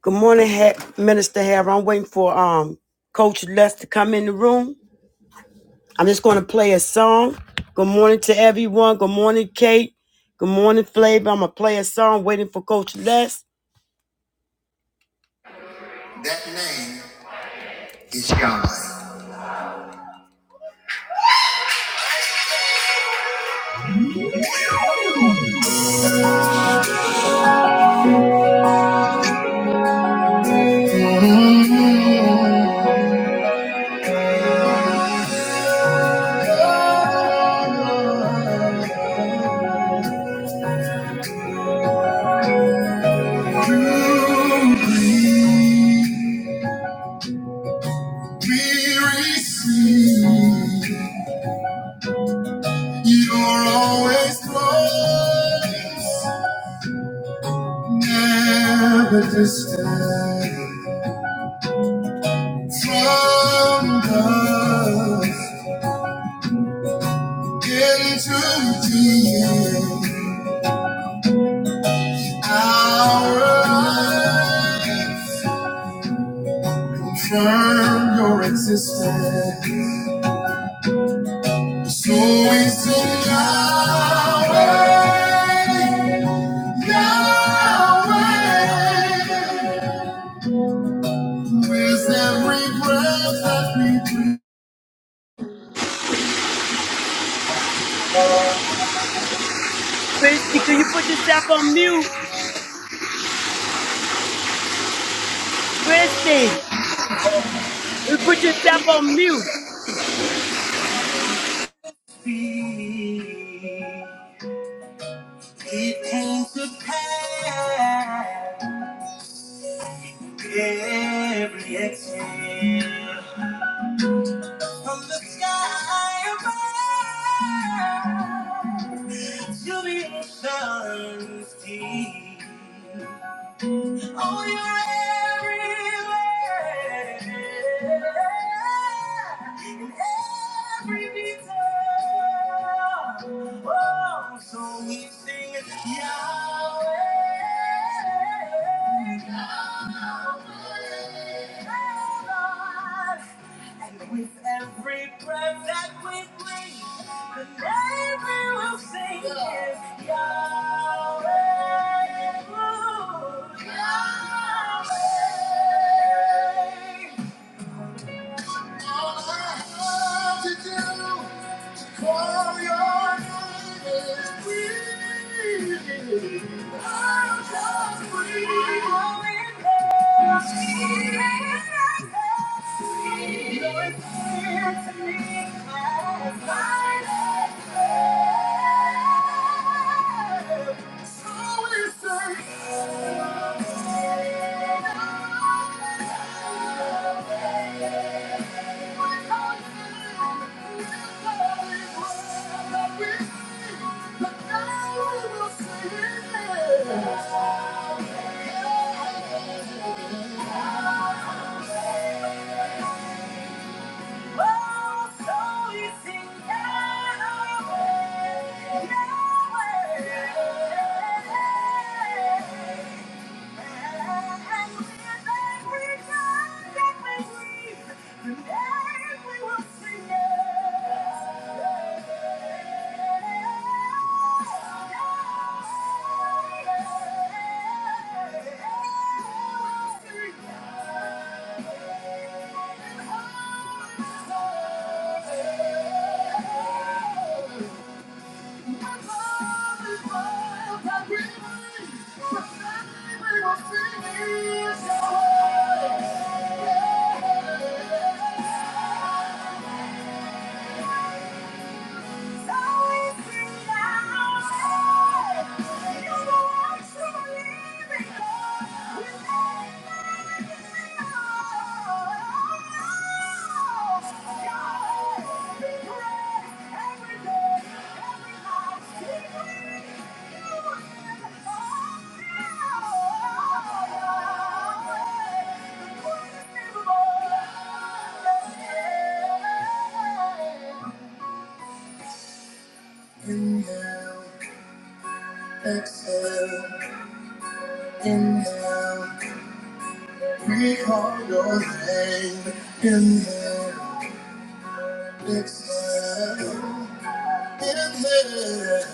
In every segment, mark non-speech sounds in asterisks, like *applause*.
Good morning, ha- Minister Harry. I'm waiting for um Coach Les to come in the room. I'm just going to play a song. Good morning to everyone. Good morning, Kate. Good morning, Flavor. I'm gonna play a song. Waiting for Coach Les. That name is God. We receive your always close, never distant. From the beginning to the end, our life confirm your existence. So is Yahweh, Yahweh, with every breath that we breathe. Christy, can you put yourself on mute? Christy, you put yourself on mute. It came to pass every exhale from the sky above to the ocean's deep. Oh, you're everywhere. In every detail. Oh, so we sing Yahweh. Yahweh. And With every breath that we breathe, the name we will sing is Yahweh. ooh, Yahweh. All I have to do. For your name is great. I'll just breathe. Your spirit to me as my life. Yeah. Thank you. Yeah. Inhale, exhale, inhale. We call your name in the Dixon. In the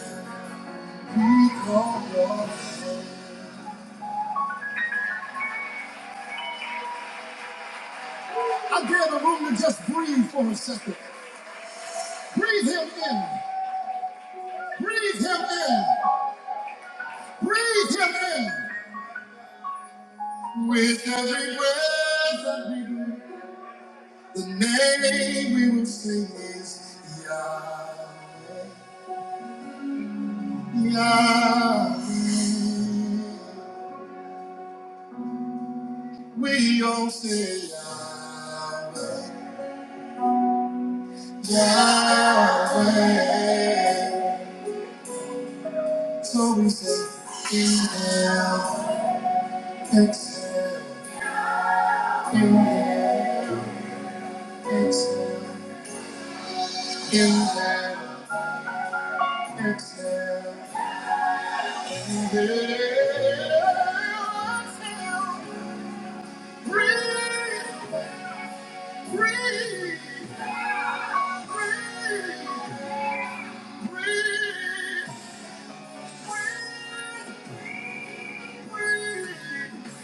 we your name. I dare the room to just breathe for a second. Breathe him in. Breathe him in. Breathe him in. With every breath that we do, the name we will sing is Yahweh. Yahweh. We all say Yahweh. Yeah, so we say, inhale, exhale, exhale, inhale, exhale. Inhale, Breathe, breathe, breathe, breathe. breathe,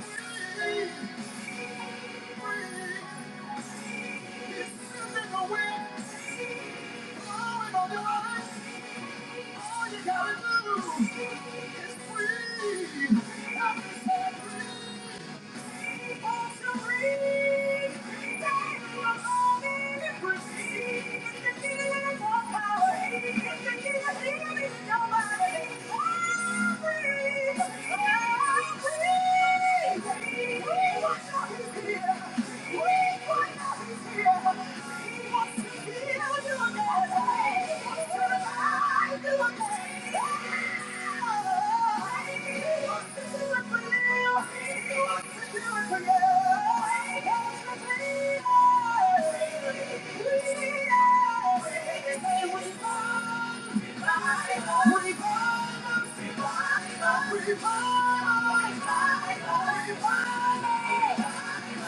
breathe. All you gotta do is breathe. He wants to be able to Yeah. Thank you. Freedom!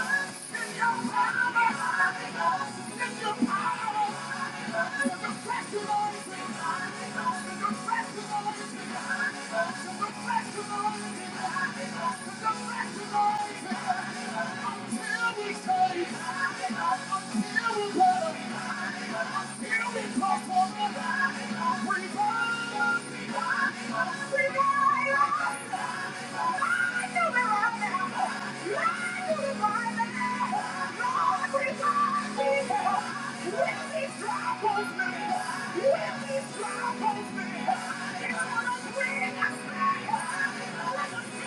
Freedom! Thank you.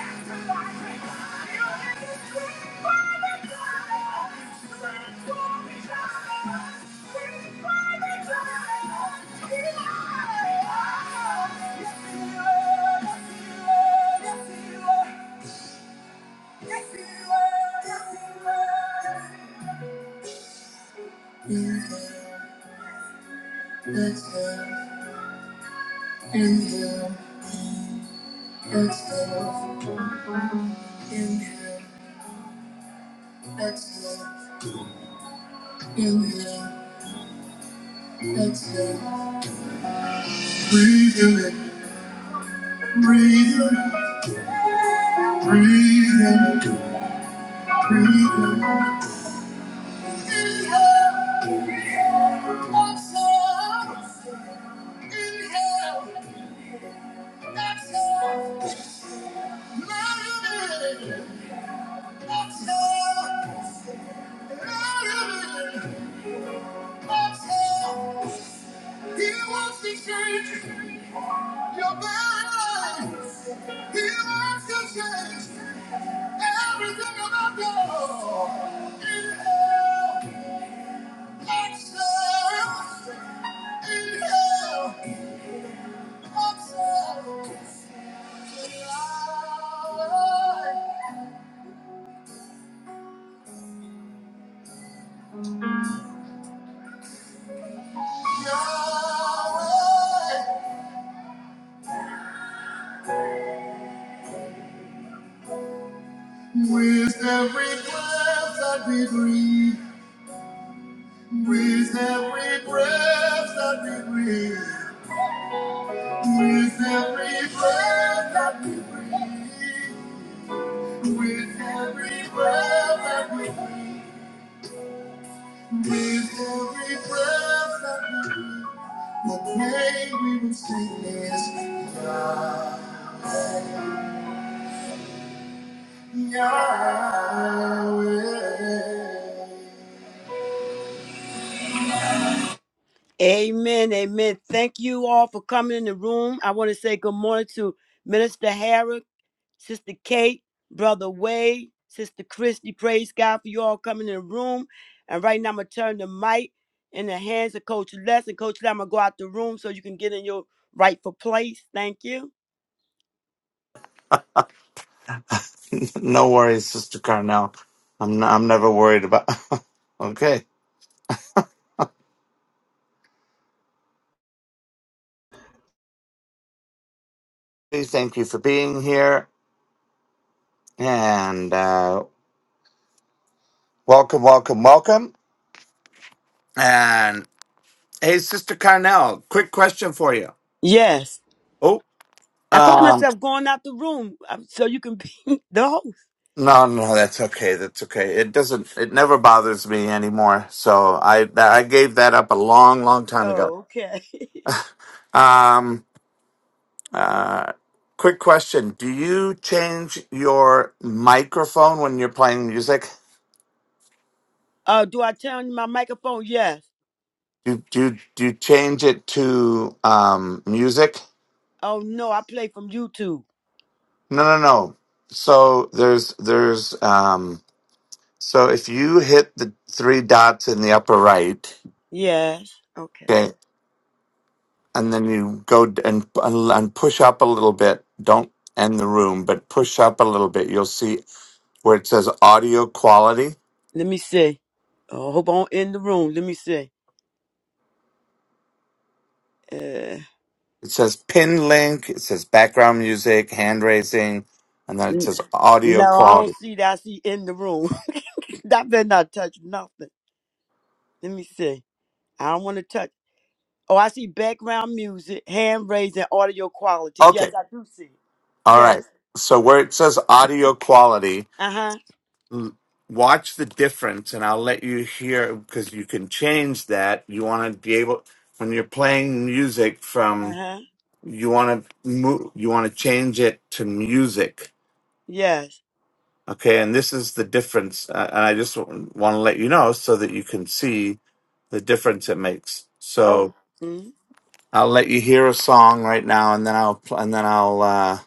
Let's go, inhale, exhale, inhale, exhale, inhale, exhale. Breathe in it, breathe in it, breathe in it, breathe in it, He wants to change your mind. He wants to change everything about you. Inhale, exhale. Inhale, exhale. With every breath that we breathe, with every breath that we breathe, with every breath that we breathe, with every breath that we breathe, with every breath that we breathe, the way we will sing is Yah- Yahweh. Amen. Amen. Thank you all for coming in the room. I want to say good morning to Minister Harrod, Sister Kate, Brother Wade, Sister Christy. Praise God for you all coming in the room. And right now, I'm going to turn the mic in the hands of Coach Les. And Coach Les, I'm going to go out the room so you can get in your rightful place. Thank you. No worries, Sister Carnell. I'm i I'm never worried about. *laughs* okay. Please thank you for being here and uh, welcome, welcome, welcome. And hey, Sister Carnell, quick question for you. Yes. Oh, I caught um, myself going out the room um, so you can be *laughs* the host. no, no, that's okay. That's okay. It doesn't. It never bothers me anymore. So I I gave that up a long, long time ago. Oh, okay. *laughs* Um. Uh. Quick question: Do you change your microphone when you're playing music? Uh, do I turn my microphone? Yes. Do do do you change it to um music? Oh, no, I play from YouTube. No, no, no. So there's there's um so if you hit the three dots in the upper right, Yes. Okay. okay, and then you go d- and and push up a little bit. Don't end the room, but push up a little bit. You'll see where it says audio quality. Let me see. Oh, hope I'm in the room. Let me see. Uh, It says pin link. It says background music, hand raising, and then it n- says audio no, I don't quality. see that. I see in the room. *laughs* that better not touch nothing. Let me see. I don't want to touch. Oh, I see background music, hand raising, audio quality. Okay, Yes, I do see. it. All right. Yes. So where it says audio quality, Uh huh. l- watch the difference, and I'll let you hear because you can change that. You want to be able when you're playing music Uh from huh. you want to move, you want to change it to music. Yes. Okay, and this is the difference, uh, and I just w- want to let you know so that you can see the difference it makes. Oh. So mm I'll let you hear a song right now, and then I'll pl- and then I'll uh,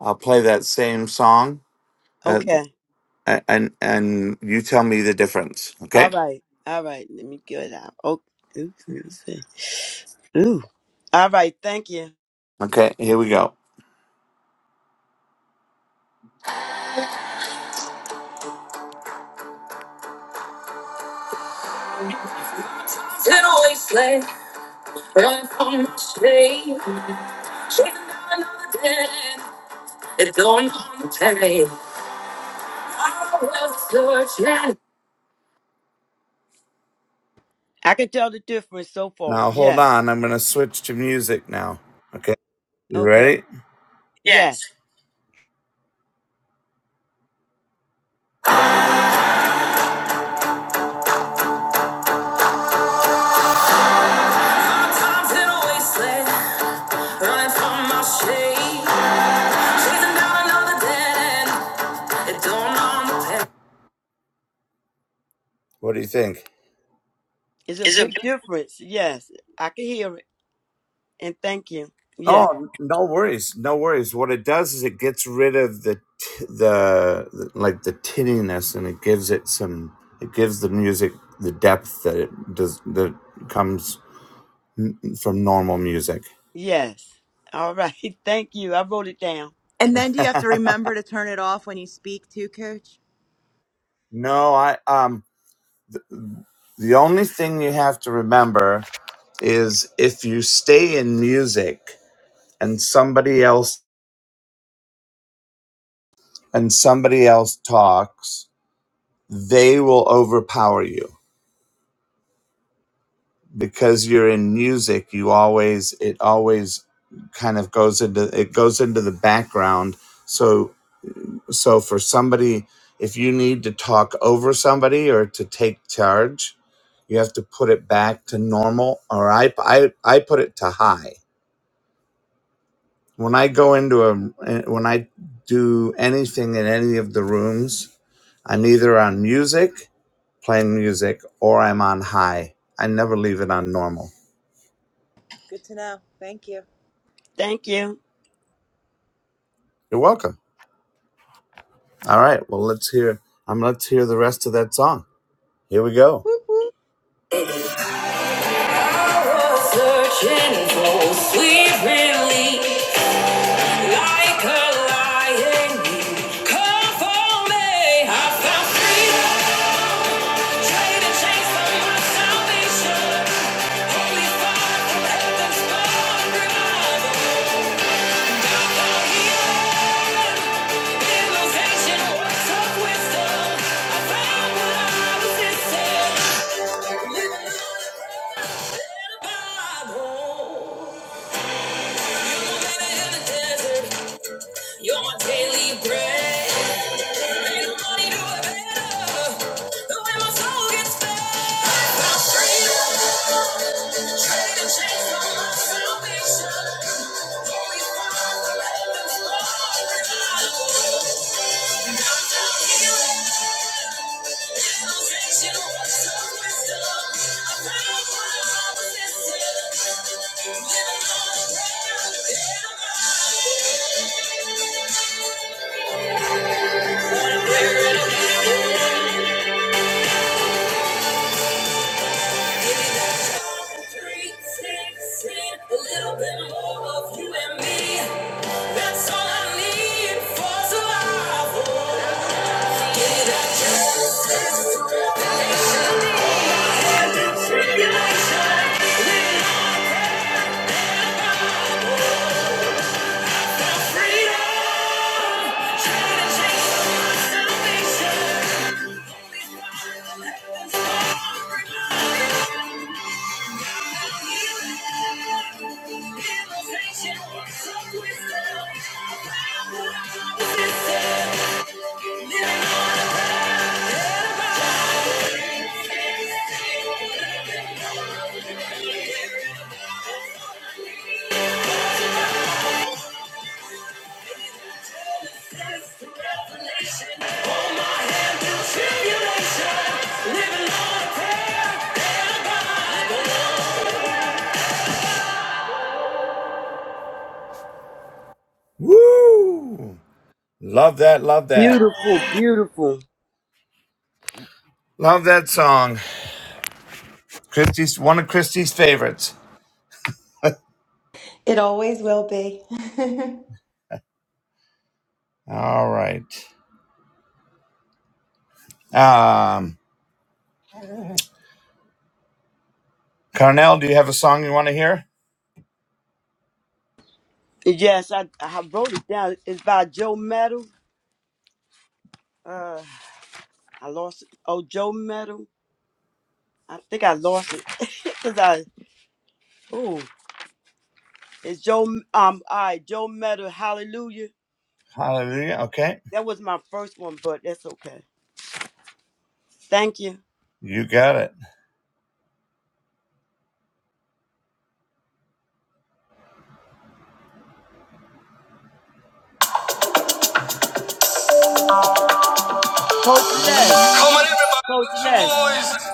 I'll play that same song. uh, Okay. and and, and you tell me the difference. All Okay. right. All right. Let me get it out. Oh. Oops. Let me see. Ooh. All right. Thank you. Okay. Here we go. Then always late, run from the shade, chasing down another day, it's going on the day. I was searching. I can tell the difference so far. Now hold Yes. on, I'm gonna switch to music now. Okay, you Okay. ready? Yes. Sometimes in a wasteland, running from my shade, chasing down another dead end, it don't know my path. What do you think? It's a big difference. Yes. I can hear it. And thank you. Yeah. Oh, no worries, no worries. What it does is it gets rid of the t- the like the tinniness, and it gives it some. It gives the music the depth that it does that comes n- from normal music. Yes. All right. *laughs* Thank you. I wrote it down. And then do you have to remember to turn it off when you speak too, Coach? No, I um. The only thing you have to remember is if you stay in music and somebody else and somebody else talks, they will overpower you because you're in music you always it always kind of goes into it goes into the background so so for somebody if you need to talk over somebody or to take charge you have to put it back to normal or i i, I put it to high when i go into a when i do anything in any of the rooms i'm either on music playing music or i'm on high i never leave it on normal Good to know. Thank you. Thank you. you're welcome All right. Well, let's hear. Um, let's hear the rest of that song. Here we go. Whoop, whoop. I was Searching for sweet relief, like a lion, you come for me. I found freedom, traded chains for my salvation. Holy fire from heaven's fire, You're my daily bread. Ain't nobody do it better. The way my soul gets fed. I found freedom. Traded and for my salvation. Only found the love Three, six, eight, a little bit more of you and me. That's all I need for survival. Regulation, freedom. Yeah. Woo! Love that, love that. Beautiful. Beautiful. Love that song. Christie's one of Christie's favorites. It always will be. *laughs* All right. Um Carnell, do you have a song you want to hear? Yes, I, I wrote it down. It's by Joe Metal. Uh I lost it. Oh, Joe Metal. I think I lost it. *laughs* Cause I ooh. It's Joe um all right, Joe Metal, hallelujah. Hallelujah. Okay. That was my first one, but that's okay. Thank you. You got it. Coach Les. Come on, everybody, Coach lift your Les. voice.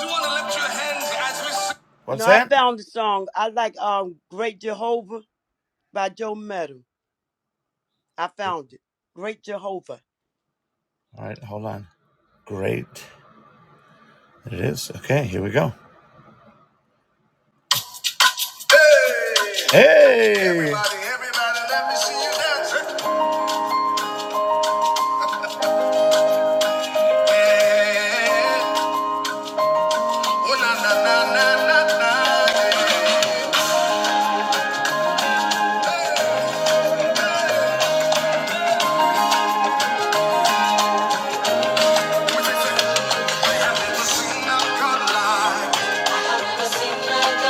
Do you want to lift your hands as we sing? What's No, I that? found the song. I like um Great Jehovah by Joe Metal. I found it. Great Jehovah. All right, hold on. Great. It is. Okay, here we go. Hey! Hey! Everybody, everybody, let me see you dance. Hey! Oh, na, na, na, na, na, na. Hey! We have never seen a God like you.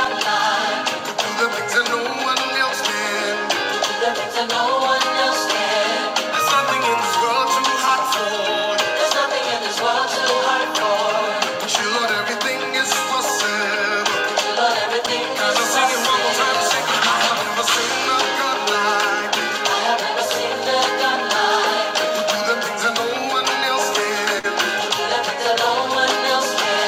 Too loving to the victor, no one else can. Too loving to the victor, no one else can. There's nothing in this world too hot for. There's nothing in this world too hot for. But you Lord, everything is possible. But you Lord, everything is So sing it one more time, possible. sing it. I have never seen a God like you. I have never seen a God like you. do the things that no one else can. You do the things that no one else can.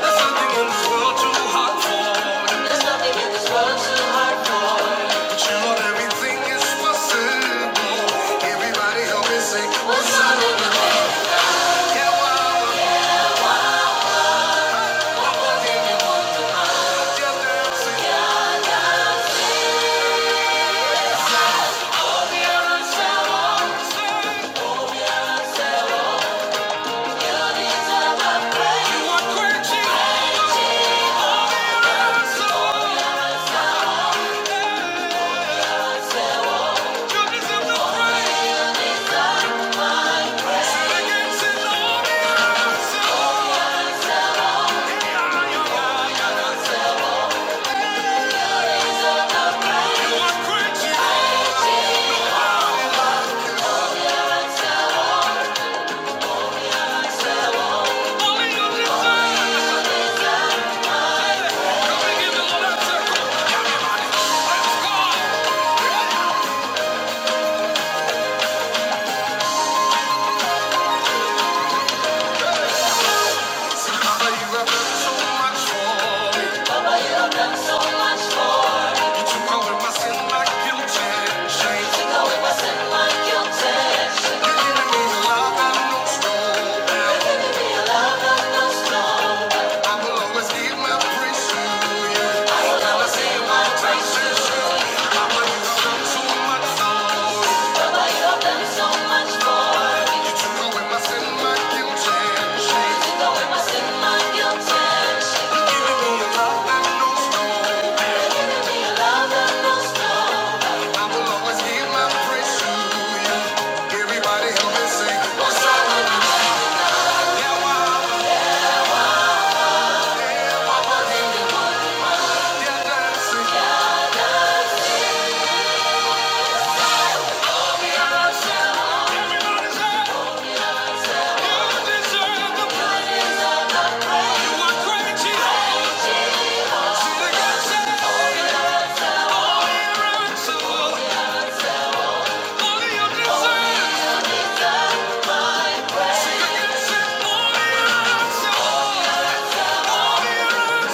There's nothing in this world too hard for. There's nothing in this world too hard for. But you know everything is possible. Everybody help me say What's what's on up. in the way? Yeah, wow. Get what you want. Yeah, dancing. Get your desire of You praise. are quenching my soul. You deserve the praise. Sin against it, Lord, your soul. Yeah, yeah, yeah, yeah. You are quenching. But you have done so much for me. you knowing my sin, my guilt and shame. But you knowing my sin, my guilt and shame. You're giving me the love I know stole down. You're giving me the love I know stole down. I will always give my praise to you. I will always give my praise to you. Papa, you have done so much for me. Papa, you have done so much for me. You took away my sin, my guilt and shame. You took away my sin, my guilt and shame. You're giving me the love I know stole down. I will always give my praise to you. Everybody help me sing. What's up with you? Yeah, wow, yeah, yeah, dancing. Everybody's up. You deserve the praise. You are great, Jesus. See the God say, only miracle, only you deserve. See the God say, only miracle, only miracle.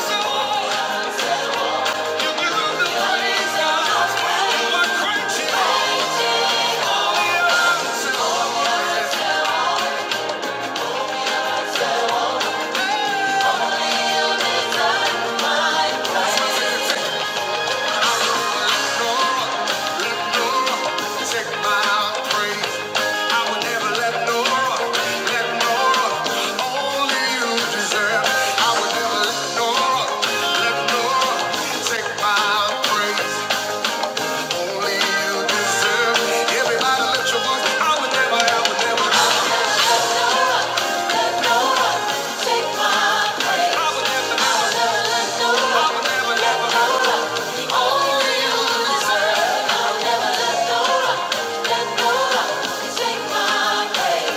You deserve the praise, God. You are great, Jesus. Take my place.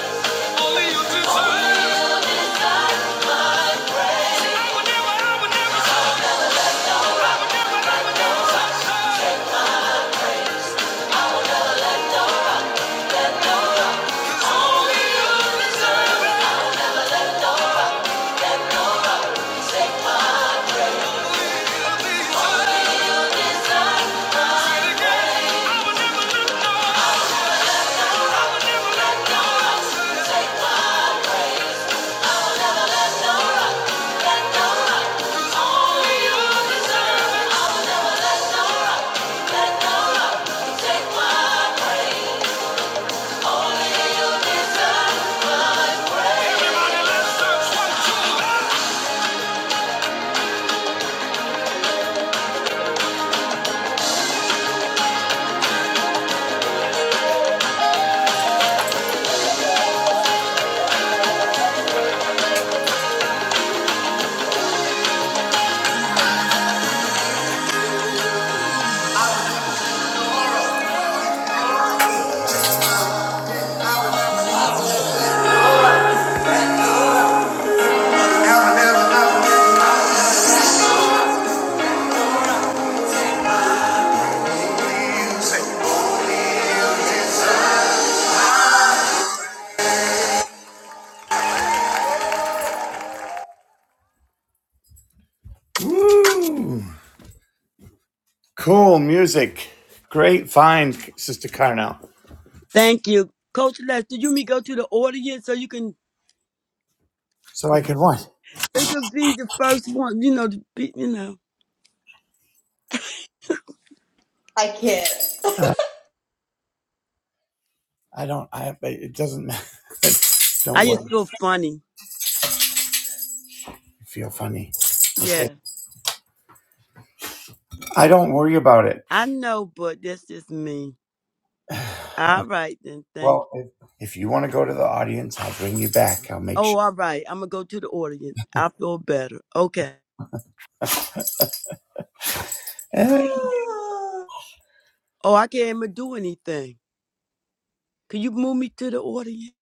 Woo! Cool music. Great find, Sister Carnell. Thank you. Coach Lester, you may go to the audience so you can So I can what? it could be the first one, you know, to be, you know. I can't. *laughs* I don't, I, it doesn't matter. *laughs* don't I just worry. feel funny. I feel funny. Yeah. I don't worry about it. I know, but that's just me. All right then, thank Well, you. if, if you want to go to the audience, I'll bring you back. I'll make Oh, sure. all right. I'm gonna go to the audience. I feel better. Okay. Eh, Oh, Oh, I can't even do anything. Can you move me to the audience?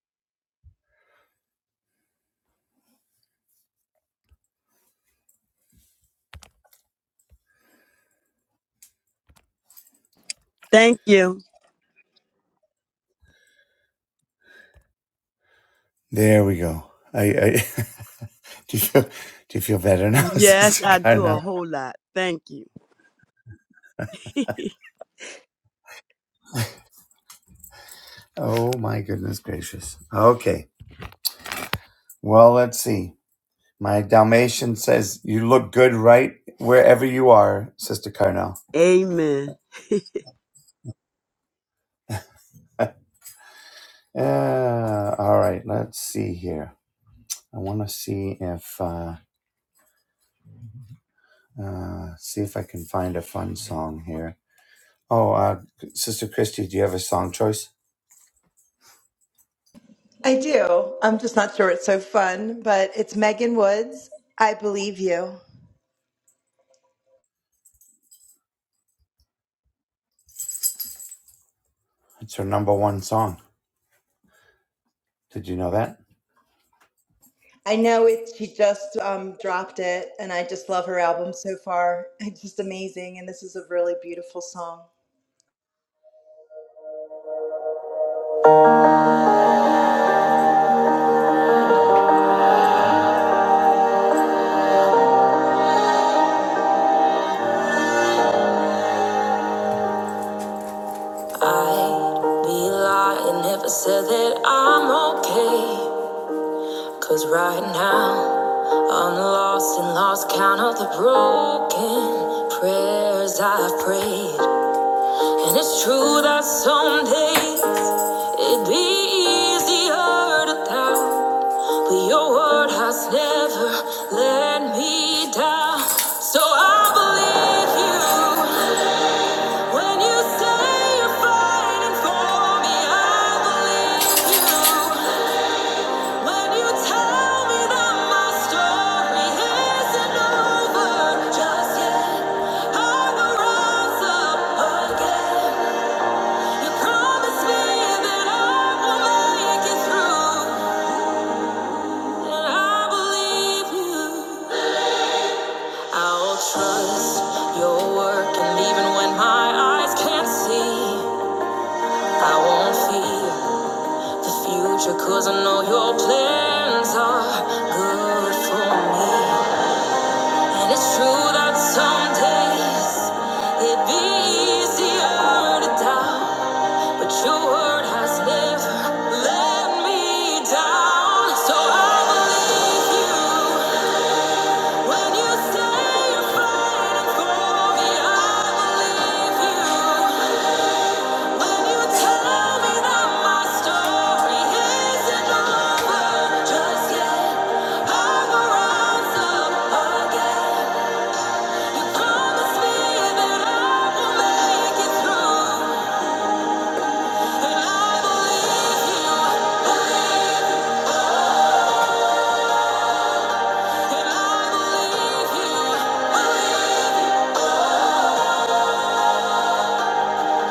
Thank you. There we go. I, I *laughs* do you feel do you feel better now, *laughs* Yes, Sister I do a Carnell? whole lot. Thank you. Oh my goodness gracious. Okay. Well, let's see. My Dalmatian says you look good right wherever you are, Sister Carnell. Amen. *laughs* Uh, all right, let's see here. I want to see if uh, uh, see if I can find a fun song here. Oh, uh, Sister Christy, do you have a song choice? I do. I'm just not sure it's so fun, but it's Megan Woods. I believe you. It's her number one song. Did you know that? I know it. She just um, dropped it, and I just love her album so far. It's just amazing, and this is a really beautiful song. i be lying if I said that I'm okay. Cause right now, I'm lost and lost count of the broken prayers I've prayed. And it's true that some days it'd be easier to doubt. But your word has never let me down. So I believe you. When you say you're fighting for me, I believe you. When you tell me that my story isn't over just yet, I will rise up again. You promised me that I will make it through, and I believe you. I'll trust your work, and even when my eyes can't see, I won't fear. the future cause I know your plans are good for me and it's true that some days it'd be easier to doubt but your word has never let me down so I believe you when you say you're fighting for me I believe you Thank you.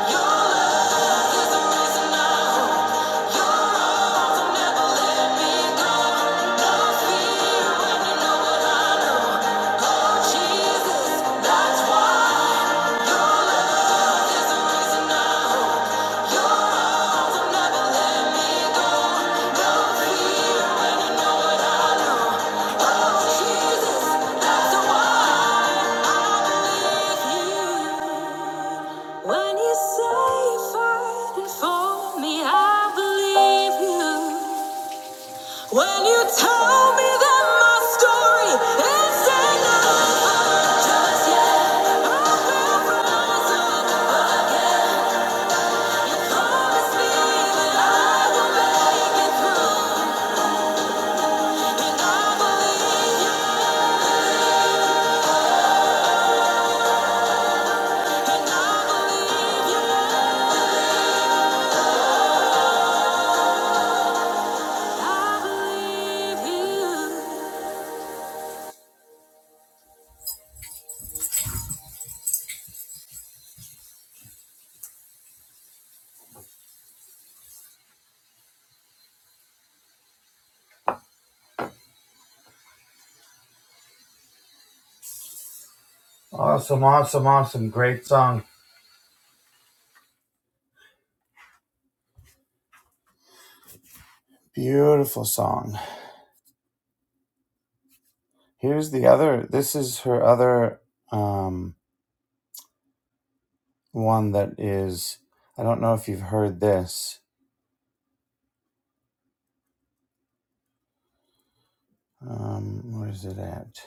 Jesus, that's the one. When you say fight and for me, I believe you. When you tell me that my story is enough, just yet I will rise up again. You promised me that I will make it through, and I believe you, and I believe you, I believe you. Awesome, awesome, awesome! Great song. Beautiful song. Here's the other. This is her other um, one that is. I don't know if you've heard this. Um, where is it at?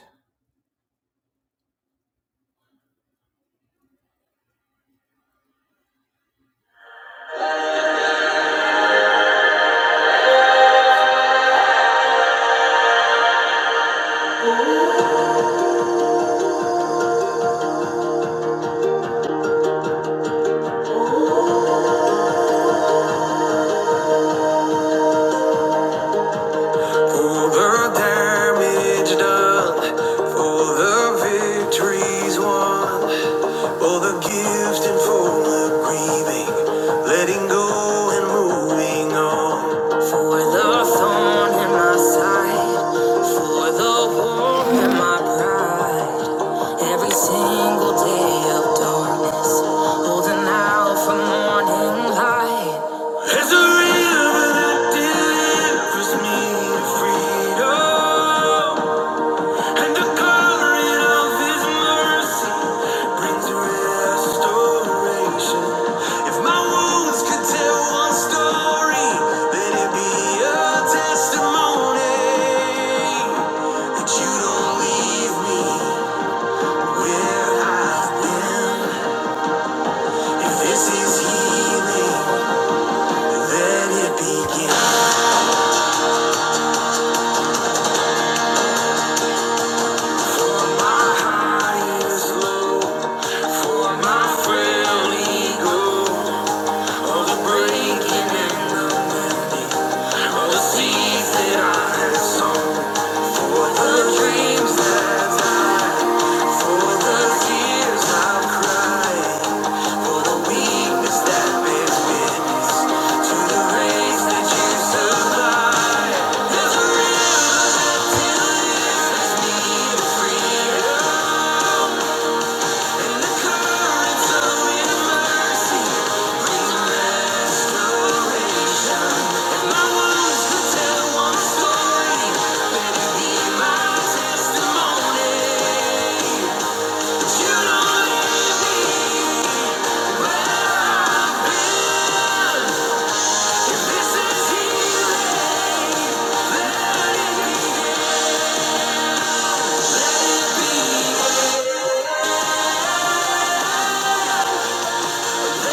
For the damage done, for the victories won, for the gifts and for the grieving, let go. For the sight, for the warmth and my pride, every single day of darkness. There's a rhythm that delivers me to freedom, and the covering of His mercy brings restoration. If my wounds could tell one story, let it be a testimony that You don't leave me where I've been. If this is healing, then it begins. Breaking and the mending of the seeds that I had sown. There's a river that takes me to freedom. Let it be. Tell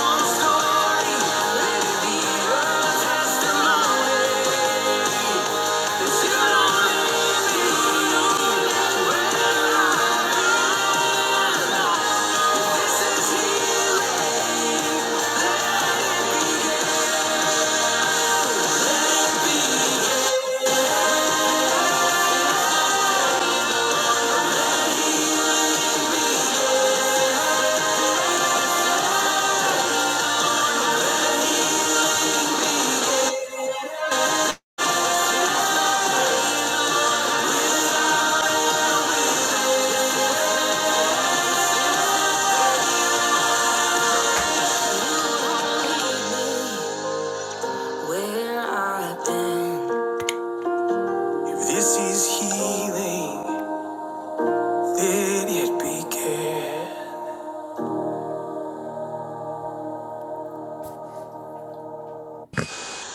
one story, let it be a testimony.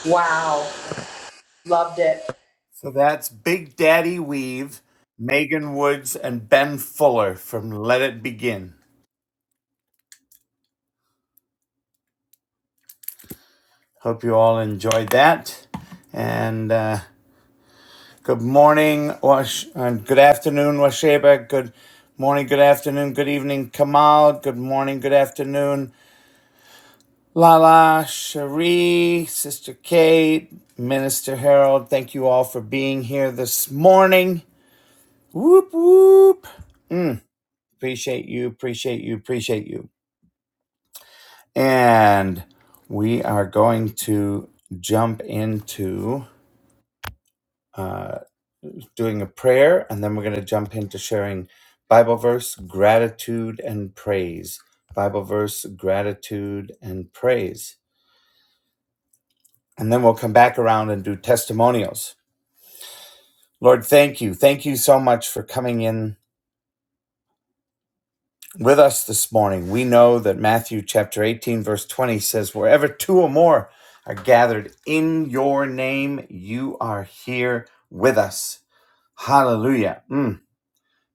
Wow. Loved it. So that's Big Daddy Weave, Megan Woods, and Ben Fuller from Let It Begin. Hope you all enjoyed that. And uh, Good morning, Wash, and good afternoon, Washeba. Good morning, good afternoon, good evening, Kamal. Good morning, good afternoon, Lala, Cherie, Sister Kate, Minister Harold. Thank you all for being here this morning. Whoop, whoop. Appreciate you, appreciate you, appreciate you. And we are going to jump into uh, doing a prayer, and then we're going to jump into sharing Bible verse, gratitude, and praise. Bible verse, gratitude, and praise. And then we'll come back around and do testimonials. Lord, thank you. Thank you so much for coming in with us this morning. We know that Matthew chapter 18, verse 20 says, Wherever two or more are gathered in your name, you are here with us. Hallelujah. Mm.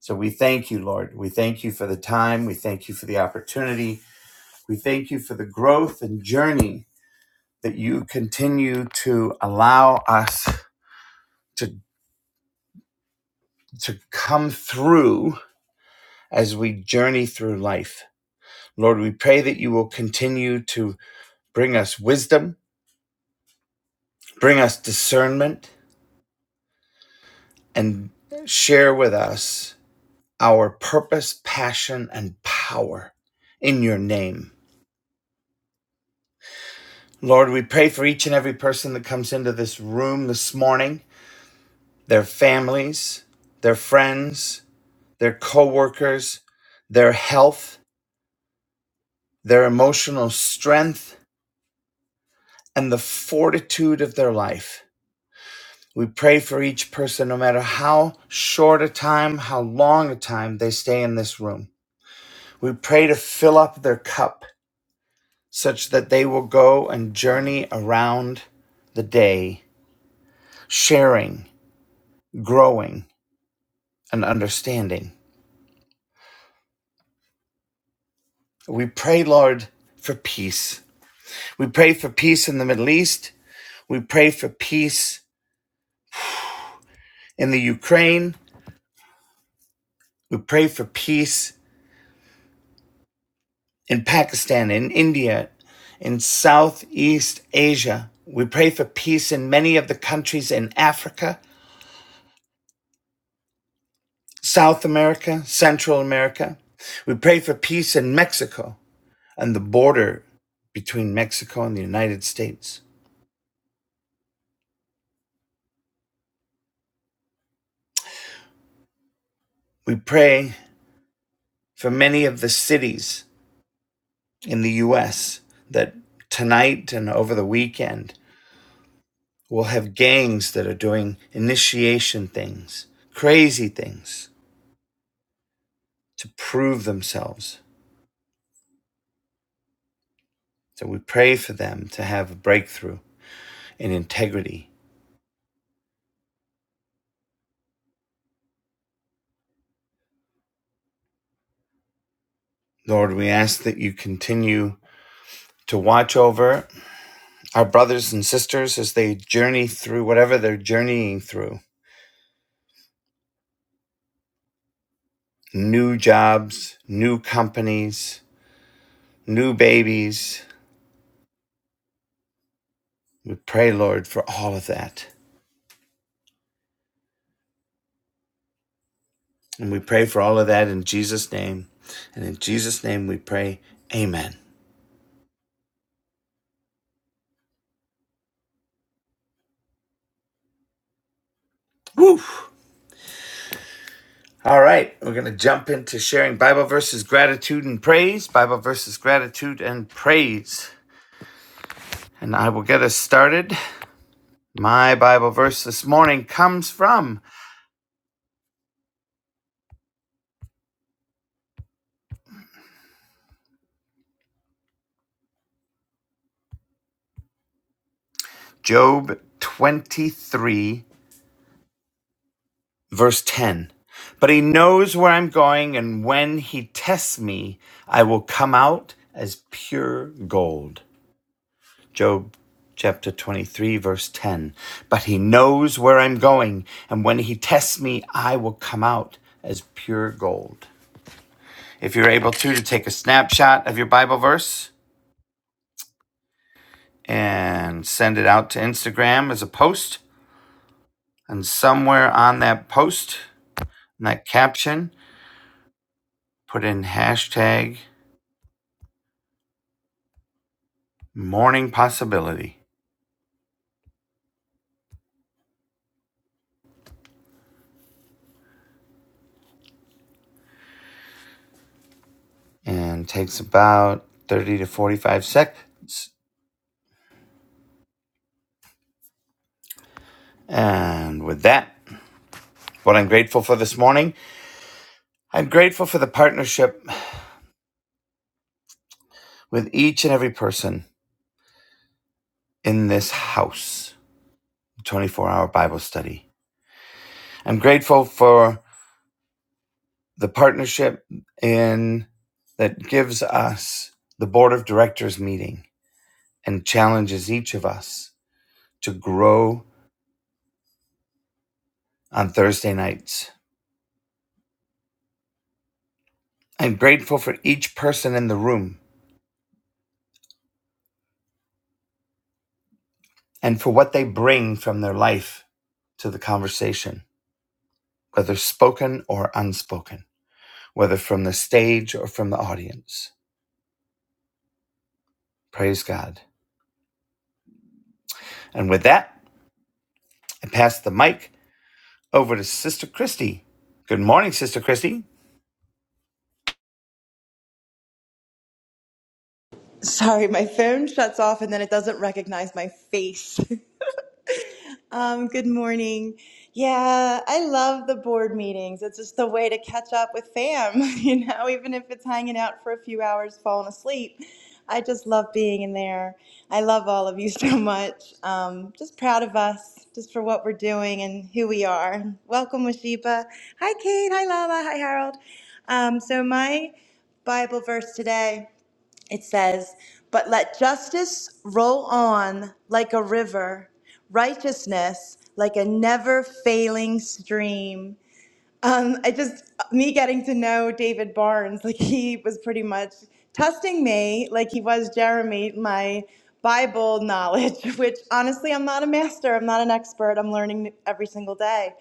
So we thank you, Lord. We thank you for the time. We thank you for the opportunity. We thank you for the growth and journey that you continue to allow us to, to come through as we journey through life. Lord, we pray that you will continue to bring us wisdom, bring us discernment, and share with us our purpose, passion, and power in your name. Lord, we pray for each and every person that comes into this room this morning, their families, their friends, their coworkers, their health, their emotional strength, and the fortitude of their life. We pray for each person, no matter how short a time, how long a time they stay in this room. We pray to fill up their cup such that they will go and journey around the day, sharing, growing, and understanding. We pray, Lord, for peace. We pray for peace in the Middle East. We pray for peace in the Ukraine. We pray for peace in Pakistan, in India, in Southeast Asia. We pray for peace in many of the countries in Africa, South America, Central America. We pray for peace in Mexico and the border between Mexico and the United States. We pray for many of the cities in the US that tonight and over the weekend will have gangs that are doing initiation things, crazy things to prove themselves. So we pray for them to have a breakthrough in integrity. Lord, we ask that you continue to watch over our brothers and sisters as they journey through whatever they're journeying through new jobs, new companies, new babies. We pray, Lord, for all of that. And we pray for all of that in Jesus' name. And in Jesus' name we pray, Amen. Woo! All right, we're going to jump into sharing Bible verses, gratitude, and praise. Bible verses, gratitude, and praise. And I will get us started. My Bible verse this morning comes from Job 23, verse 10. But he knows where I'm going, and when he tests me, I will come out as pure gold. Job chapter 23, verse 10. But he knows where I'm going, and when he tests me, I will come out as pure gold. If you're able to, to take a snapshot of your Bible verse and send it out to Instagram as a post, and somewhere on that post, in that caption, put in hashtag morning possibility. And it takes about 30 to 45 seconds. And with that, what I'm grateful for this morning I'm grateful for the partnership with each and every person in this house, 24 hour Bible study. I'm grateful for the partnership in that gives us the board of directors meeting and challenges each of us to grow on Thursday nights. I'm grateful for each person in the room and for what they bring from their life to the conversation, whether spoken or unspoken, whether from the stage or from the audience. Praise God. And with that, I pass the mic over to Sister Christy. Good morning, Sister Christy. Sorry, my phone shuts off and then it doesn't recognize my face. *laughs* um, good morning. Yeah, I love the board meetings. It's just a way to catch up with fam, *laughs* you know, even if it's hanging out for a few hours, falling asleep. I just love being in there. I love all of you *laughs* so much. Um, just proud of us, just for what we're doing and who we are. Welcome, Washiba. Hi, Kate. Hi, Lala. Hi, Harold. Um, so, my Bible verse today. It says, But let justice roll on like a river, righteousness like a never failing stream. Um, I just, me getting to know David Barnes, like he was pretty much testing me, like he was Jeremy, my Bible knowledge, *laughs* which honestly, I'm not a master, I'm not an expert, I'm learning every single day.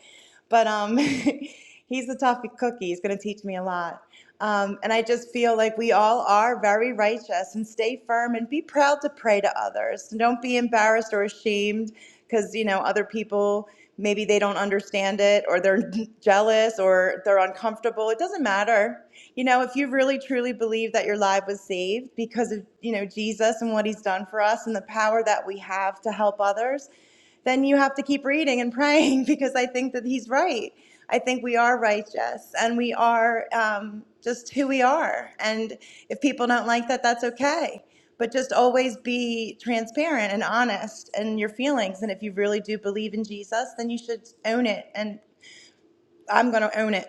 But um, *laughs* he's a tough cookie, he's going to teach me a lot. Um, and I just feel like we all are very righteous and stay firm and be proud to pray to others. don't be embarrassed or ashamed because, you know, other people maybe they don't understand it or they're *laughs* jealous or they're uncomfortable. It doesn't matter. You know, if you really truly believe that your life was saved because of, you know, Jesus and what he's done for us and the power that we have to help others, then you have to keep reading and *laughs* praying because I think that he's right. I think we are righteous and we are um, just who we are. And if people don't like that, that's okay. But just always be transparent and honest in your feelings. And if you really do believe in Jesus, then you should own it and I'm going to own it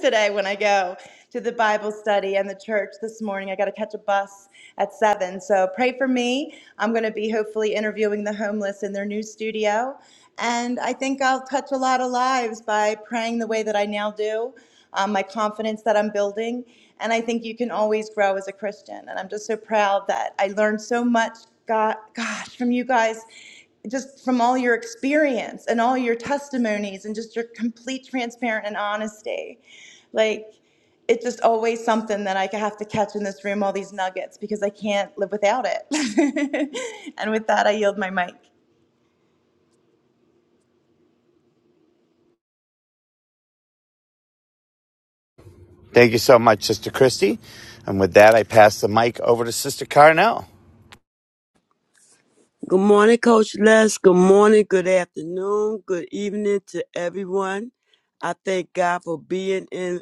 *laughs* today when I go to the Bible study and the church this morning. I got to catch a bus at 7. So pray for me. I'm going to be hopefully interviewing the homeless in their new studio. And I think I'll touch a lot of lives by praying the way that I now do, um, my confidence that I'm building. And I think you can always grow as a Christian. And I'm just so proud that I learned so much, God, gosh, from you guys just from all your experience and all your testimonies and just your complete transparent and honesty. Like it's just always something that I have to catch in this room, all these nuggets, because I can't live without it. *laughs* and with that, I yield my mic. Thank you so much, Sister Christy. And with that, I pass the mic over to Sister Carnell. Good morning, Coach Les. Good morning, good afternoon, good evening to everyone. I thank God for being in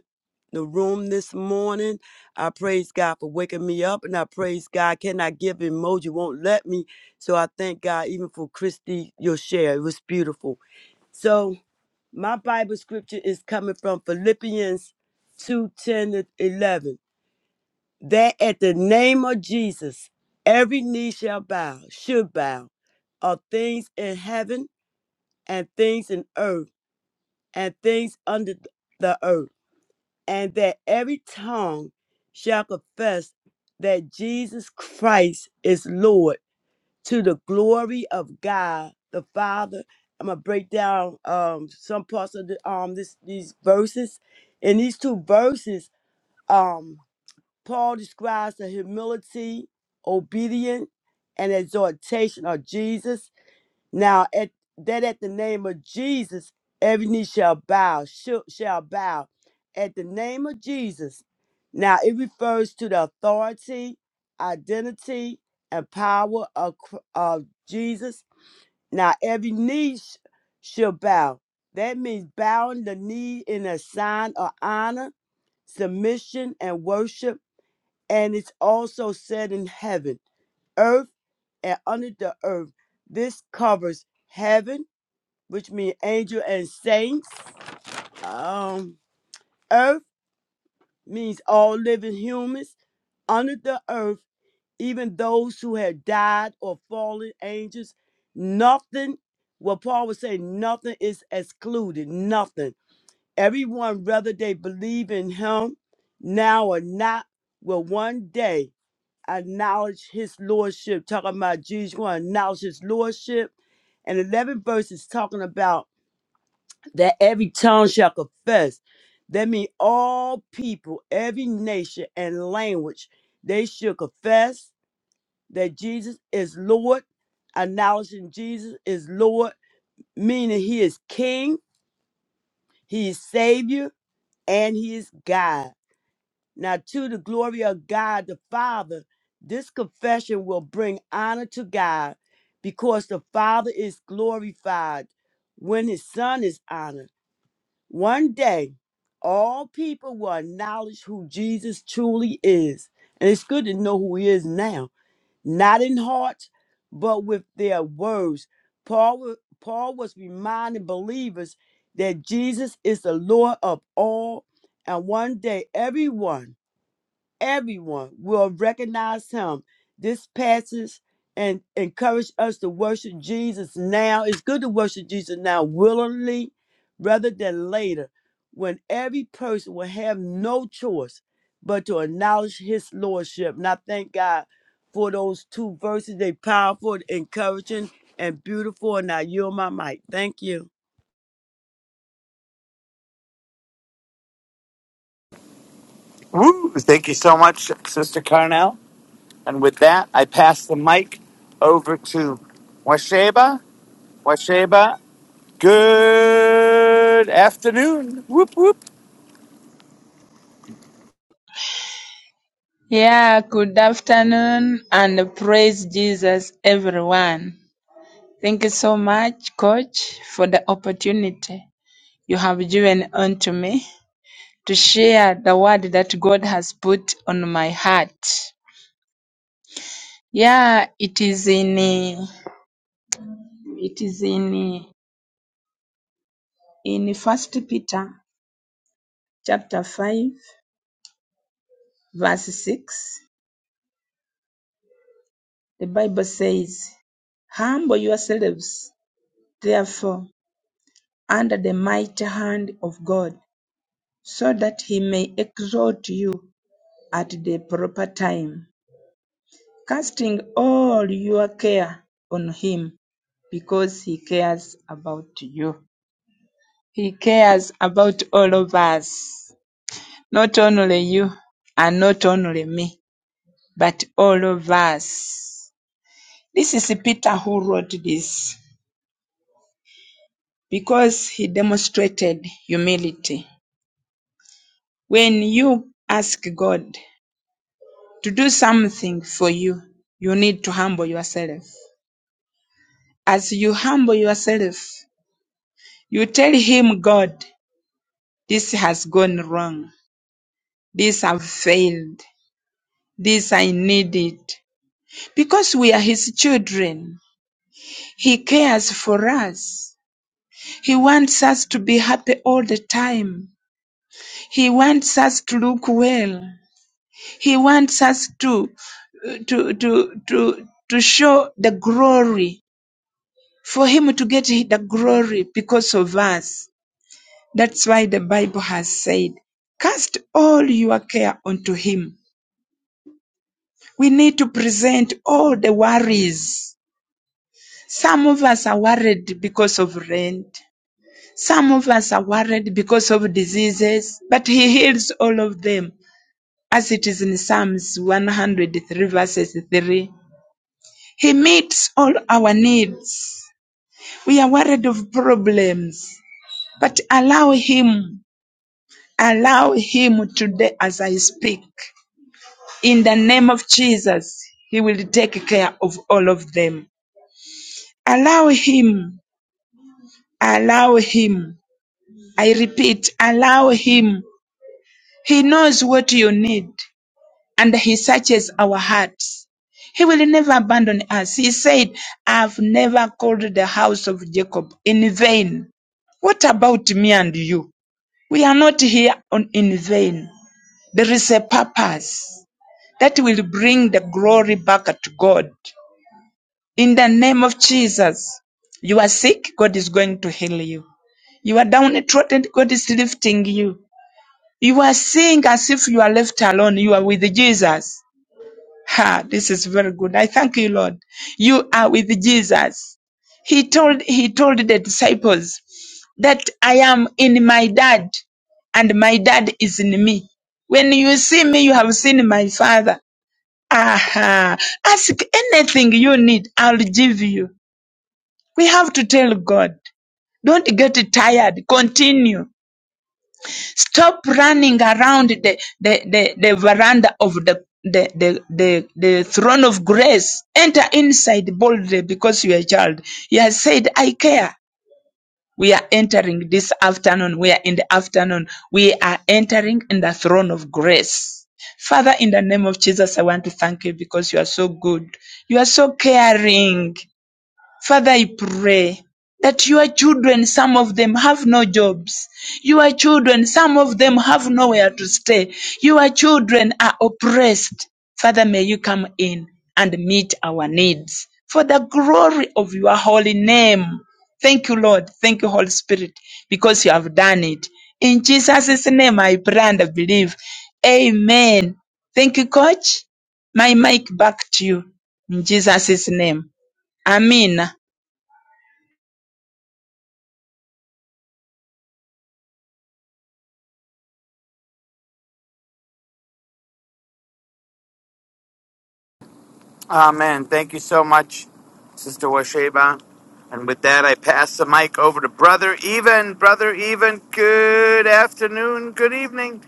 the room this morning. I praise God for waking me up and I praise God. Cannot give emoji, won't let me. So I thank God even for Christy, your share. It was beautiful. So my Bible scripture is coming from Philippians 2, 10 to 11. that at the name of Jesus, every knee shall bow, should bow, of things in heaven and things in earth and things under the earth, and that every tongue shall confess that Jesus Christ is Lord to the glory of God the Father. I'm gonna break down um, some parts of the, um this, these verses, In these two verses. Um, Paul describes the humility, obedience, and exhortation of Jesus. Now, at, that at the name of Jesus, every knee shall bow, shall, shall bow. At the name of Jesus. Now, it refers to the authority, identity, and power of, Cr- of Jesus. Now, every knee sh- shall bow. That means bowing the knee in a sign of honor, submission, and worship and it's also said in heaven, earth, and under the earth. This covers heaven, which means angel and saints. Um, earth means all living humans. Under the earth, even those who had died or fallen angels. Nothing, what Paul would say, nothing is excluded. Nothing. Everyone, whether they believe in him now or not, will one day acknowledge his lordship, talking about Jesus going to acknowledge his lordship. And 11 verses talking about that every tongue shall confess. That means all people, every nation and language, they should confess that Jesus is Lord, acknowledging Jesus is Lord, meaning he is King, he is Savior, and he is God. Now, to the glory of God the Father, this confession will bring honor to God because the Father is glorified when his Son is honored. One day, all people will acknowledge who Jesus truly is. And it's good to know who he is now, not in heart, but with their words. Paul, wa- Paul was reminding believers that Jesus is the Lord of all, and one day, everyone everyone will recognize him. This passage and encourage us to worship Jesus now. It's good to worship Jesus now willingly rather than later when every person will have no choice but to acknowledge his lordship. And I thank God for those two verses. They powerful, encouraging, and beautiful. And I yield my mic. Thank you. Woo! Thank you so much, Sister Carnell. And with that, I pass the mic over to Washeba. Washeba, good afternoon. Whoop, whoop. Yeah, good afternoon and praise Jesus, everyone. Thank you so much, Coach, for the opportunity you have given unto me to share the word that God has put on my heart. Yeah, it is in it is in in First Peter chapter five, verse six. The Bible says, "Humble yourselves, therefore, under the mighty hand of God." so that he may exhort you at the proper time, casting all your care on him, because he cares about you. He cares about all of us, not only you and not only me, but all of us. This is Peter who wrote this because he demonstrated humility. When you ask God To do something for you, you need to humble yourself. As you humble yourself, you tell him, God, this has gone wrong. This have failed. This I need it. Because we are his children. He cares for us. He wants us to be happy all the time. He wants us to look well. He wants us to to to to to show the glory for him to get the glory because of us. That's why the Bible has said, cast all your care onto him. We need to present all the worries. Some of us are worried because of rent. Some of us are worried because of diseases, but he heals all of them. As it is in Psalms 103 verses 3, he meets all our needs. We are worried of problems, but allow him Allow him today as I speak. In the name of Jesus, he will take care of all of them. Allow him. Allow him. I repeat, allow him. He knows what you need and he searches our hearts. He will never abandon us. He said, I've never called the house of Jacob in vain. What about me and you? We are not here on, in vain. There is a purpose. that will bring the glory back to God. In the name of Jesus, you are sick, God is going to heal you. You are downtrodden, God is lifting you. You are seeing as if you are left alone, you are with Jesus. Ha, this is very good. I thank you, Lord. You are with Jesus. He told, he told the disciples that I am in my dad and my dad is in me. When you see me, you have seen my father. Aha. Ask anything you need. I'll give you. We have to tell God. Don't get tired. Continue. Stop running around the, the, the, the veranda of the, the, the, the, the throne of grace. Enter inside boldly because you are a child. He has said, I care. We are entering this afternoon. We are in the afternoon. We are entering in the throne of grace. Father, in the name of Jesus, I want to thank you because you are so good. You are so caring. Father, I pray that your children, some of them have no jobs. Your children, some of them have nowhere to stay. Your children are oppressed. Father, may you come in and meet our needs for the glory of your holy name. Thank you, Lord. Thank you, Holy Spirit, because you have done it. In Jesus' name, I pray and I believe. Amen. Thank you, Coach. My mic back to you. In Jesus' name. Amen. Amen. Thank you so much, Sister Washeba. And with that, I pass the mic over to Brother Even. Brother Even, good afternoon, good evening.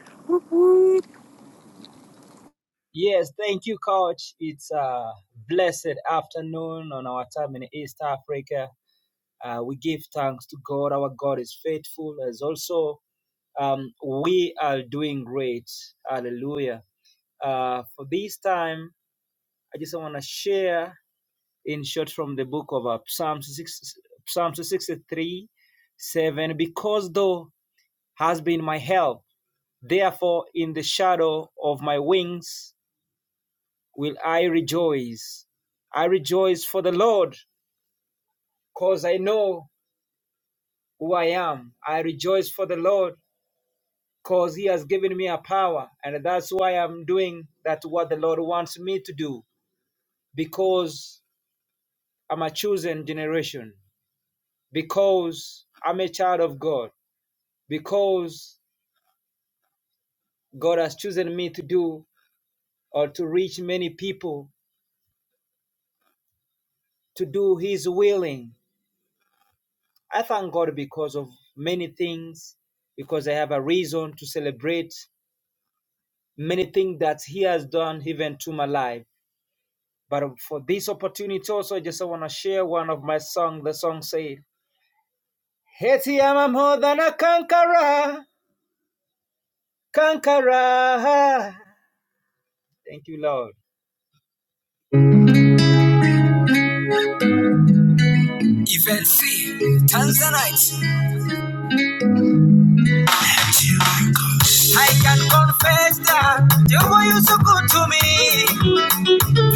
You were you so good to me.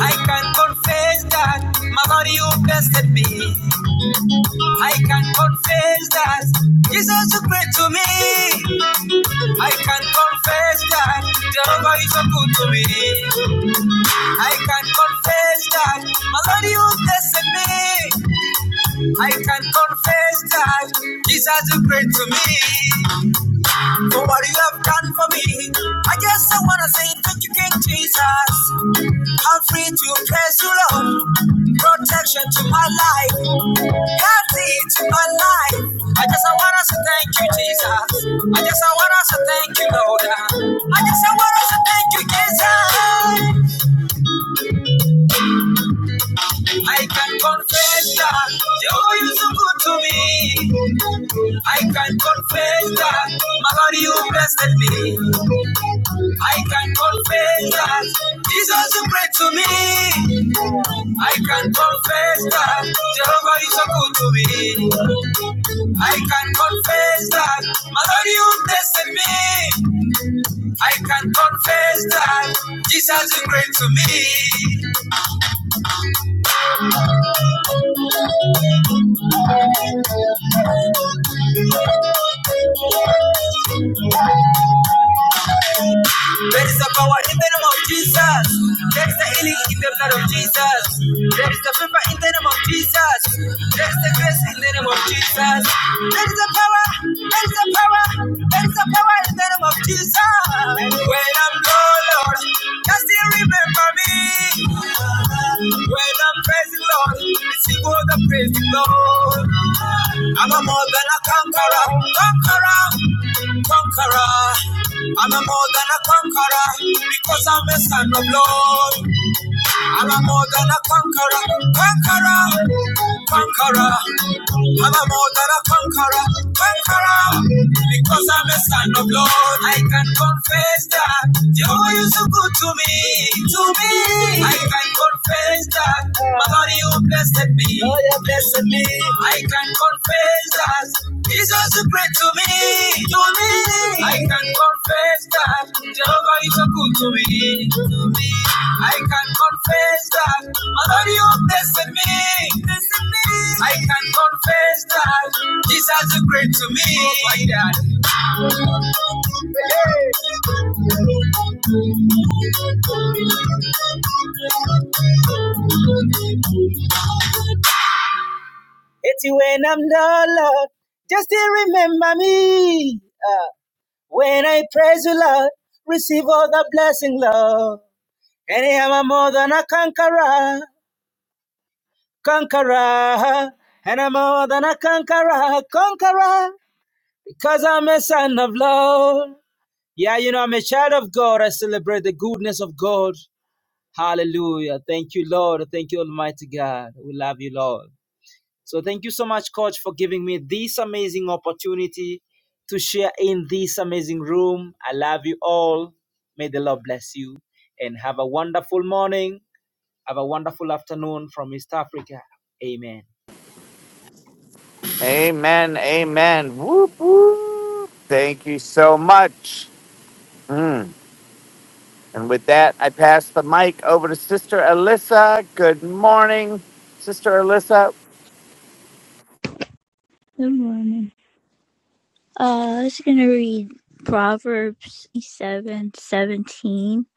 I can confess that, Mother, you blessed me. I can confess that, Jesus, you great to me. I can confess that, Jehovah, you so good to me. I can confess that, Mother, you blessed me. I can confess that, Jesus, you great to me. what you have done for me. I just I wanna say thank you, King Jesus. I'm free to praise you, Lord. Protection to my life, healthy to my life. I just I wanna say thank you, Jesus. I just I wanna say thank you, Lord. I just I wanna say thank you, Jesus. I can confess that you're always so good to me. I can confess that my God, you blessed me. I can confess that Jesus is great to me. I can confess that Jehovah is so good to me. I can confess that my Lord, you tested me. I can confess that Jesus is great to me. There is a power in the name of Jesus. There is a healing in the blood of Jesus. There is a favor in the name of Jesus. There is a grace in the name of Jesus. There is a power. There is a power. There is a power in the name of Jesus. When I'm low, Lord, just still remember me. When I'm praising Lord, it's equal to praising Lord. I'm a more than a conqueror, conqueror, conqueror. I'm a more than a conqueror because I'm a son of Lord. I'm a more than a conqueror, conqueror, conqueror. I'm a more than a conqueror, conqueror. Because I'm a son of Lord, I can confess that Jehovah is so good to me, to me. I can confess that my God, you blessed me, you blessed me. I can confess that. Jesus is great to me, to me. I can confess that Jehovah is so good to me, to me. I can confess that Mother, you have blessed me, blessed me. I can confess that Jesus is great to me. Oh my God. Amen, amen. Whoop, whoop. Thank you so much. Mm. And with that, I pass the mic over to Sister Alyssa. Good morning, Sister Alyssa. Good morning. Uh, I was gonna read Proverbs seven seventeen.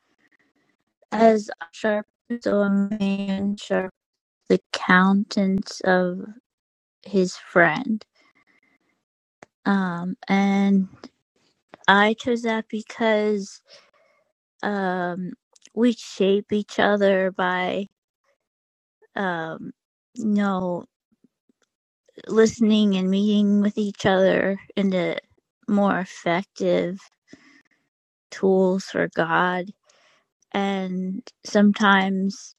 As sharp as a man sharp the countenance of his friend. Um, and I chose that because um we shape each other by um you know listening and meeting with each other into more effective tools for God and sometimes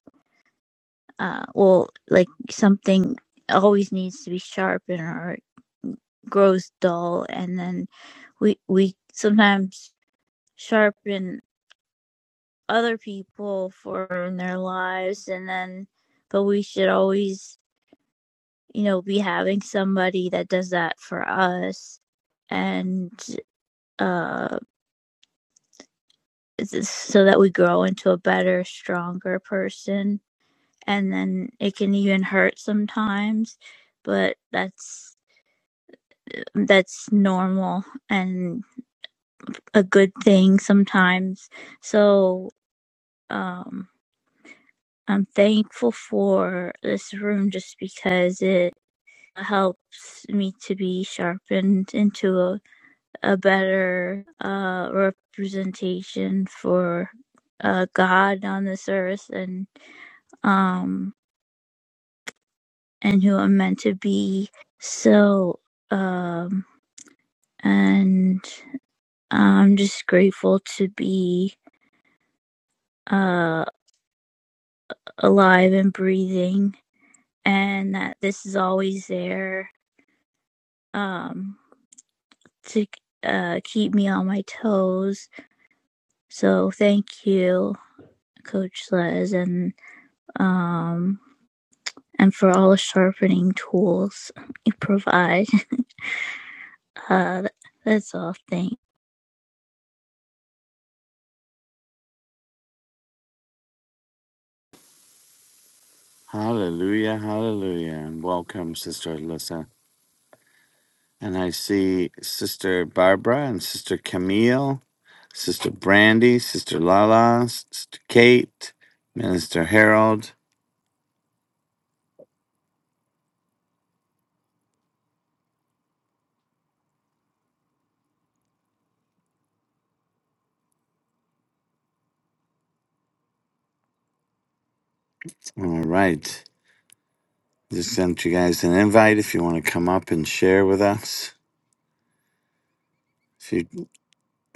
uh well like something always needs to be sharpened or it grows dull and then we we sometimes sharpen other people for in their lives and then but we should always you know be having somebody that does that for us and uh so that we grow into a better stronger person and then it can even hurt sometimes but that's that's normal and a good thing sometimes so um i'm thankful for this room just because it helps me to be sharpened into a, a better uh representation for uh god on this earth and um and who i'm meant to be so um and uh, I'm just grateful to be uh, alive and breathing, and that this is always there um, to uh, keep me on my toes. So thank you, Coach Les, and um, and for all the sharpening tools you provide. *laughs* Uh, that's all. Thank. Welcome, Sister Alyssa. And I see Sister Barbara and Sister Camille. Sister Brandy, Sister Lala, Sister Kate, Minister Harold. All right. Just sent you guys an invite if you want to come up and share with us. If you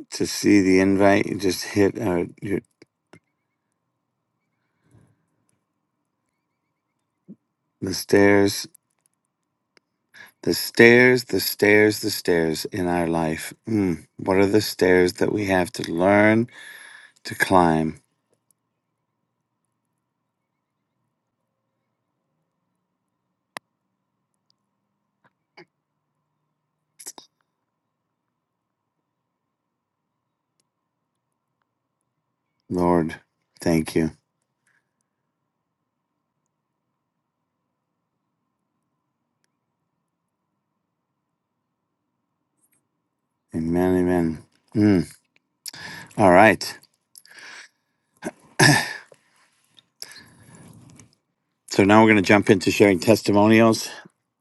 to see the invite, you just hit uh, your, the stairs, the stairs, the stairs, the stairs in our life. Mm, what are the stairs that we have to learn to climb? Lord, thank you. Amen, amen. Mm, all right. So now we're going to jump into sharing testimonials.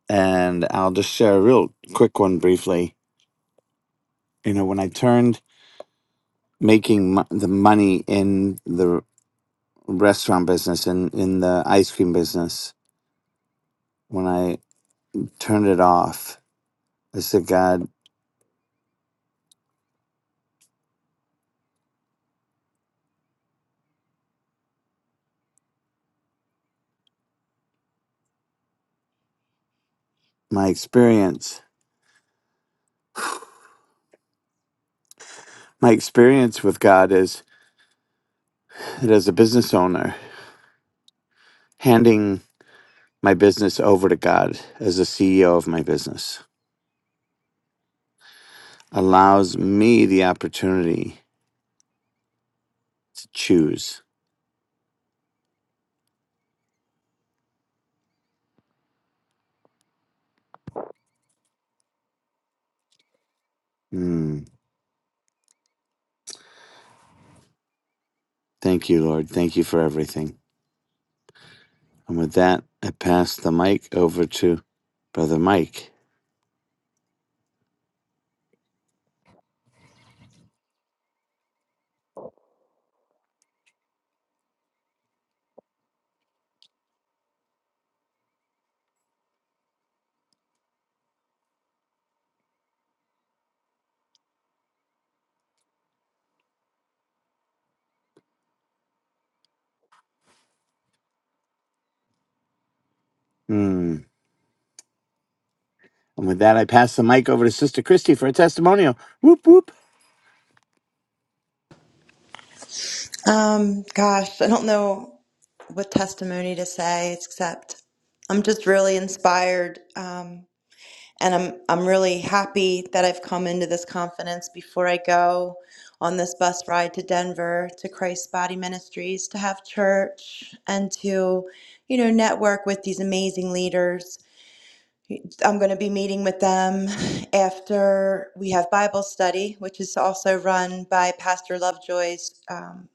and I'll just share a real quick one briefly. You know, when I turned making m- the money in the restaurant business and in, in the ice cream business, when I turned it off, I said, God, my experience, my experience with God is that as a business owner, handing my business over to God as the CEO of my business allows me the opportunity to choose. Mm, thank you, Lord. Thank you for everything. And with that, I pass the mic over to Brother Mike. Hmm. And with that, I pass the mic over to Sister Christy for a testimonial. Whoop, whoop. Um, gosh, I don't know what testimony to say, except I'm just really inspired. Um, and I'm I'm really happy that I've come into this confidence before I go on this bus ride to Denver to Christ's Body Ministries to have church and to you know network with these amazing leaders I'm going to be meeting with them after we have Bible study, which is also run by Pastor Lovejoy's um,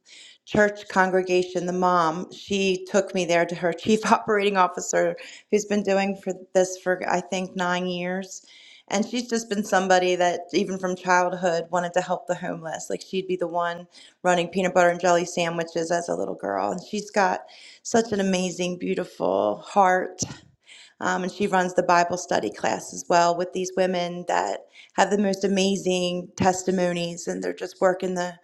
church congregation, the mom. She took me there to her *laughs* chief operating officer, who's been doing for this for, I think, nine years. And she's just been somebody that, even from childhood, wanted to help the homeless. Like she'd be the one running peanut butter and jelly sandwiches as a little girl. And she's got such an amazing, beautiful heart um, and she runs the Bible study class as well with these women that have the most amazing testimonies, and they're just working the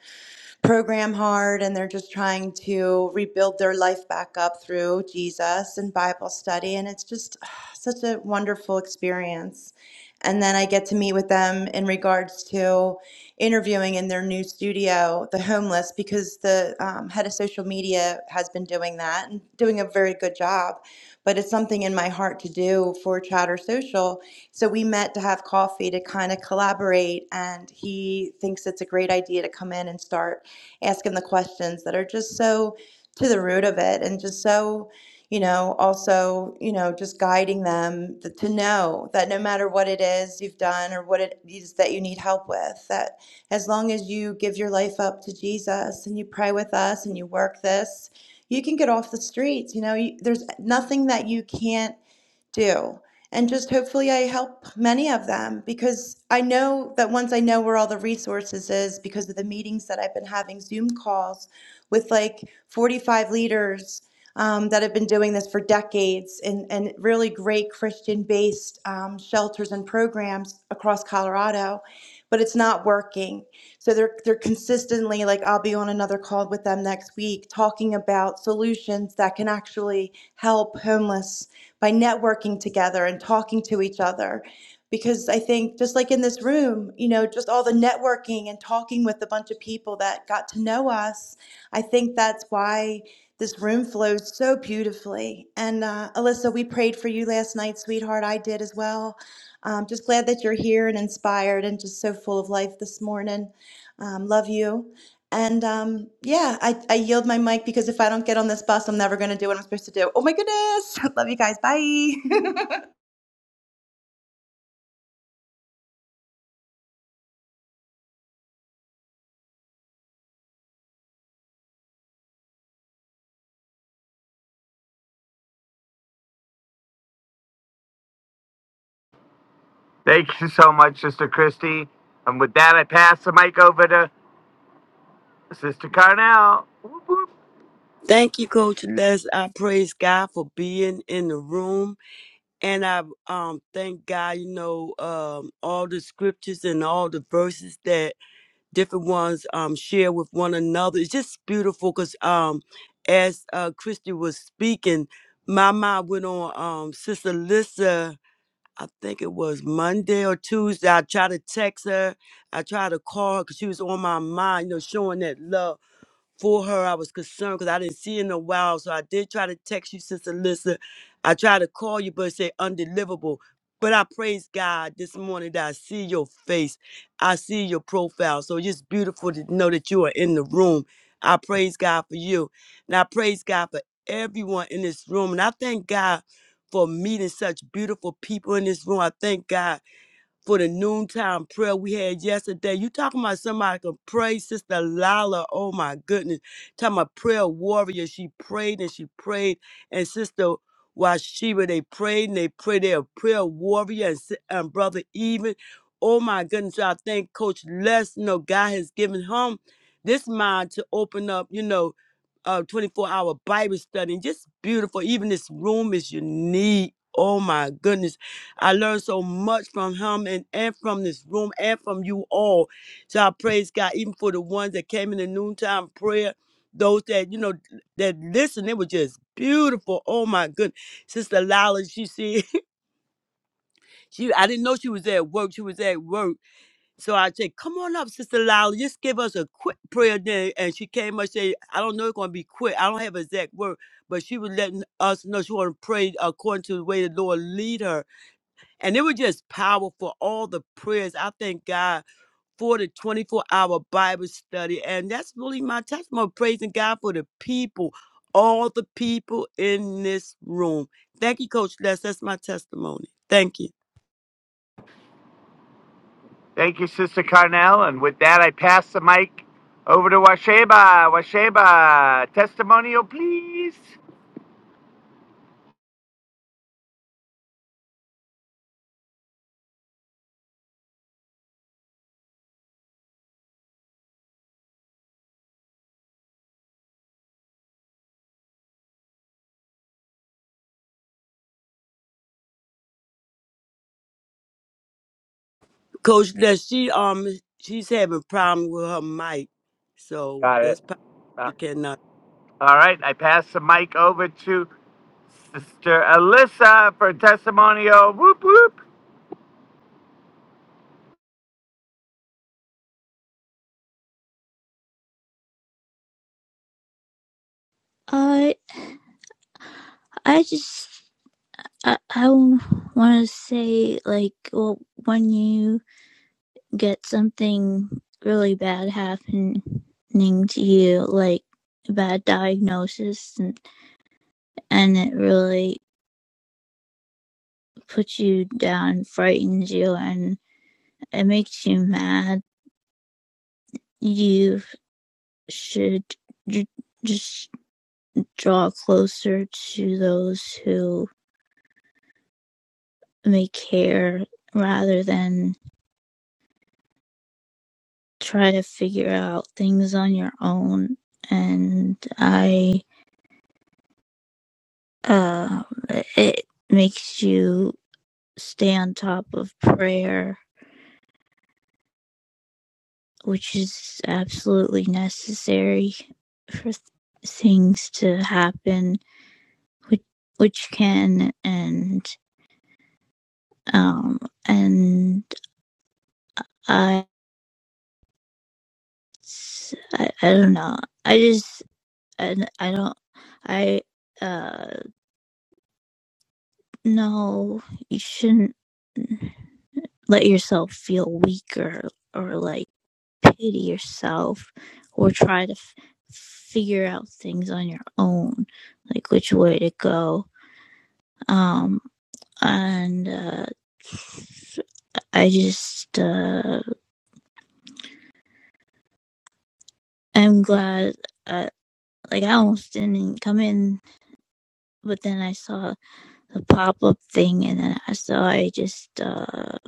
program hard and they're just trying to rebuild their life back up through Jesus and Bible study. And it's just ah, such a wonderful experience. And then I get to meet with them in regards to interviewing in their new studio, the homeless, because the um, head of social media has been doing that and doing a very good job. But it's something in my heart to do for Chatter Social. So we met to have coffee to kind of collaborate. And he thinks it's a great idea to come in and start ask him the questions that are just so to the root of it and just so, you know, also, you know, just guiding them th- to know that no matter what it is you've done or what it is that you need help with, that as long as you give your life up to Jesus and you pray with us and you work this, you can get off the streets. You know, you, there's nothing that you can't do. And just hopefully I help many of them because I know that once I know where all the resources is because of the meetings that I've been having Zoom calls with like 45 leaders um, that have been doing this for decades and, and really great Christian based um, shelters and programs across Colorado, but it's not working. So they're, they're consistently like, I'll be on another call with them next week talking about solutions that can actually help homeless by networking together and talking to each other. Because I think, just like in this room, you know, just all the networking and talking with a bunch of people that got to know us, I think that's why this room flows so beautifully. And uh, Alyssa, we prayed for you last night, sweetheart. I did as well. Um, just glad that you're here and inspired and just so full of life this morning. Um, love you. And um, yeah, I, I yield my mic because if I don't get on this bus, I'm never going to do what I'm supposed to do. Oh my goodness. *laughs* Love you guys. Bye. *laughs* Thank you so much, Sister Christy. And with that, I pass the mic over to Sister Carnell. Whoop, whoop. Thank you, Coach Les. I praise God for being in the room. And I um thank God, you know, um all the scriptures and all the verses that different ones um share with one another. It's just beautiful because um as uh Christy was speaking, my mind went on um Sister Lissa, I think it was Monday or Tuesday. I tried to text her, I tried to call her because she was on my mind, you know, showing that love for her. I was concerned because I didn't see her in a while. So I did try to text you, Sister Lissa. I tried to call you, but it said undeliverable. But I praise God this morning that I see your face. I see your profile. So it's just beautiful to know that you are in the room. I praise God for you. And I praise God for everyone in this room. And I thank God for meeting such beautiful people in this room. I thank God for the noontime prayer we had yesterday. You talking about somebody can pray, Sister Lala. Oh my goodness. Talking about prayer warrior. She prayed and she prayed. And Sister Washiba, they prayed and they prayed. They're a prayer warrior and, si- and Brother Even. Oh my goodness. So I thank Coach Les. You know, God has given him this mind to open up, you know, uh 24 hour Bible study. Just beautiful. Even this room is unique. Oh my goodness. I learned so much from him and, and from this room and from you all. So I praise God, even for the ones that came in the noontime prayer, those that, you know, that listened, it was just beautiful. Oh my goodness. Sister Lila, she said, *laughs* she I didn't know she was at work. She was at work. So I said, come on up, Sister Lila, just give us a quick prayer then. And she came up said, I don't know it's gonna be quick. I don't have exact word, but she was letting us know she wanna pray according to the way the Lord lead her. And it was just powerful, all the prayers. I thank God for the 24 hour Bible study. And that's really my testimony, praising God for the people, all the people in this room. Thank you, Coach Les. That's my testimony. Thank you. Thank you, Sister Carnell. And with that, I pass the mic over to Washeba. Washeba, testimonial, please. Coach Les, she um she's having problem with her mic. So Got it. that's probably Uh, she cannot. all right, I pass the mic over to Sister Alyssa for testimonial. Whoop, whoop. I I just I, I want to say like well when you get something really bad happening to you, like a bad diagnosis, and, and it really puts you down, frightens you, and it makes you mad, you should j- just draw closer to those who may care rather than try to figure out things on your own. And I, uh, it makes you stay on top of prayer, which is absolutely necessary for th- things to happen, which, which can and um and I, I I don't know. I just I, I don't I uh no, you shouldn't let yourself feel weak or or like pity yourself or try to f- figure out things on your own, like which way to go. Um, and uh, I just uh, am glad. Uh, like I almost didn't come in, but then I saw the pop up thing, and then I saw I just uh,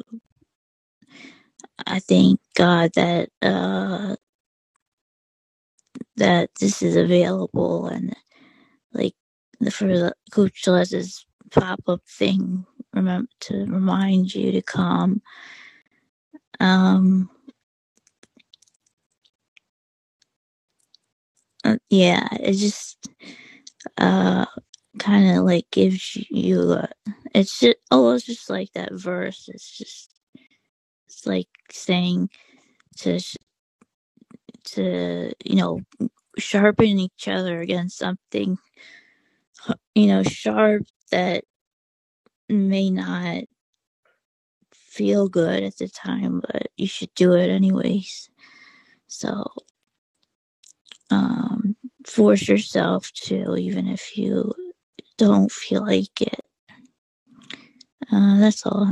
I thank God that uh, that this is available and like the for the coach does pop up thing remember to remind you to come. Um, uh, yeah, it just uh kind of like gives you a, it's just almost just like that verse. It's just it's like saying to to you know sharpen each other against something you know sharp that may not feel good at the time, but you should do it anyways. So um, force yourself to, even if you don't feel like it. Uh, that's all.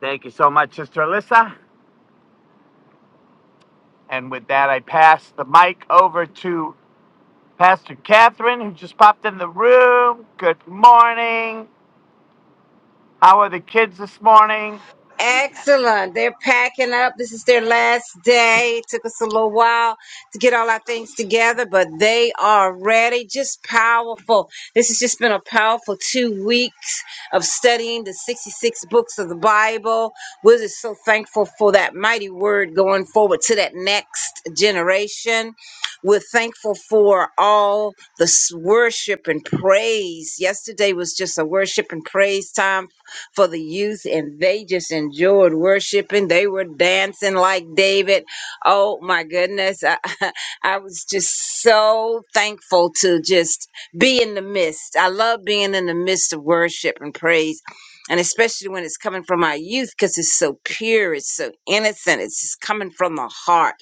Thank you so much, Sister Alyssa. And with that, I pass the mic over to Pastor Catherine, who just popped in the room. Good morning. How are the kids this morning? Excellent. They're packing up. This is their last day. It took us a little while to get all our things together, but they are ready. Just powerful. This has just been a powerful two weeks of studying the 66 books of the Bible. We're just so thankful for that mighty word going forward to that next generation. We're thankful for all the s- worship and praise. Yesterday was just a worship and praise time for the youth, and they just enjoyed worshiping. They were dancing like David. Oh my goodness. I, *laughs* I was just so thankful to just be in the midst. I love being in the midst of worship and praise. And especially when it's coming from our youth, because it's so pure, it's so innocent, it's just coming from the heart.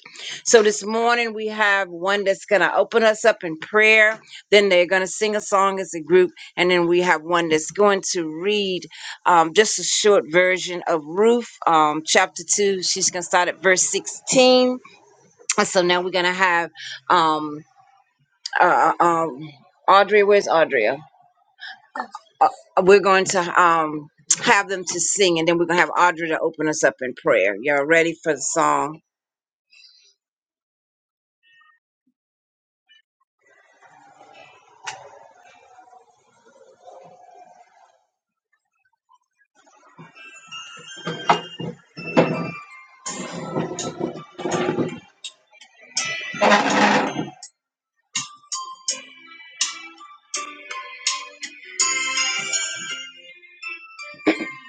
So this morning we have one that's going to open us up in prayer. Then they're going to sing a song as a group. And then we have one that's going to read um, just a short version of Ruth, um, chapter 2. She's going to start at verse 16. And so now we're going to have um, uh, uh, um, Audrey. Where's Audrey? Uh, uh, we're going to um, have them to sing, and then we're going to have Audrey to open us up in prayer. Y'all ready for the song?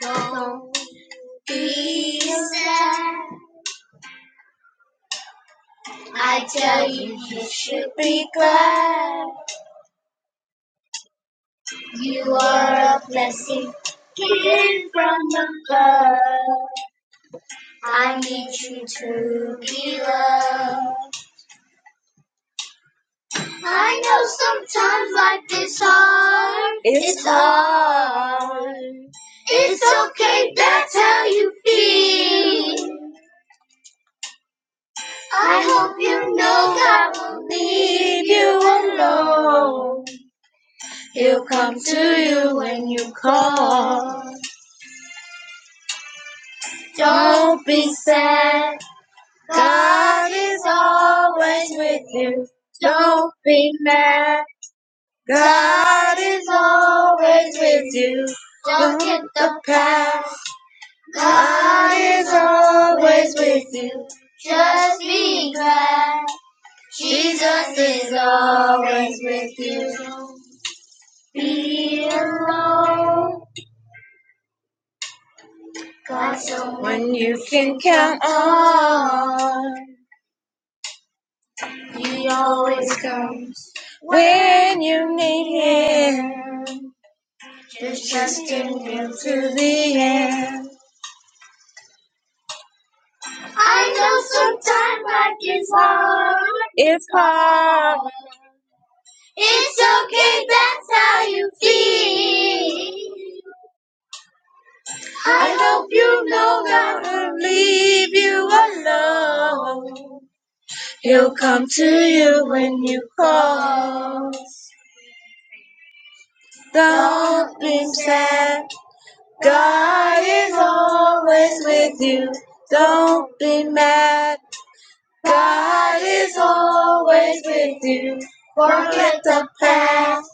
Don't be sad. I tell you, you should be glad. You are a blessing given from above. I need you to be loved. I know sometimes life is hard. It's it's hard. It's okay, that's how you feel. I hope you know God will leave you alone. He'll come to you when you call. Don't be sad. God is always with you. Don't be mad. God is always with you. Don't get the past. God is always with you. Just be glad. Jesus is always with you. Don't be alone. God's someone you can count on. He always comes when you need him. Just trust in him to the end. I know sometimes life is hard. It's hard. It's okay, that's how you feel. I hope you know God will leave you alone. He'll come to you when you call. Don't be sad, God is always with you. Don't be mad, God is always with you. Forget the past.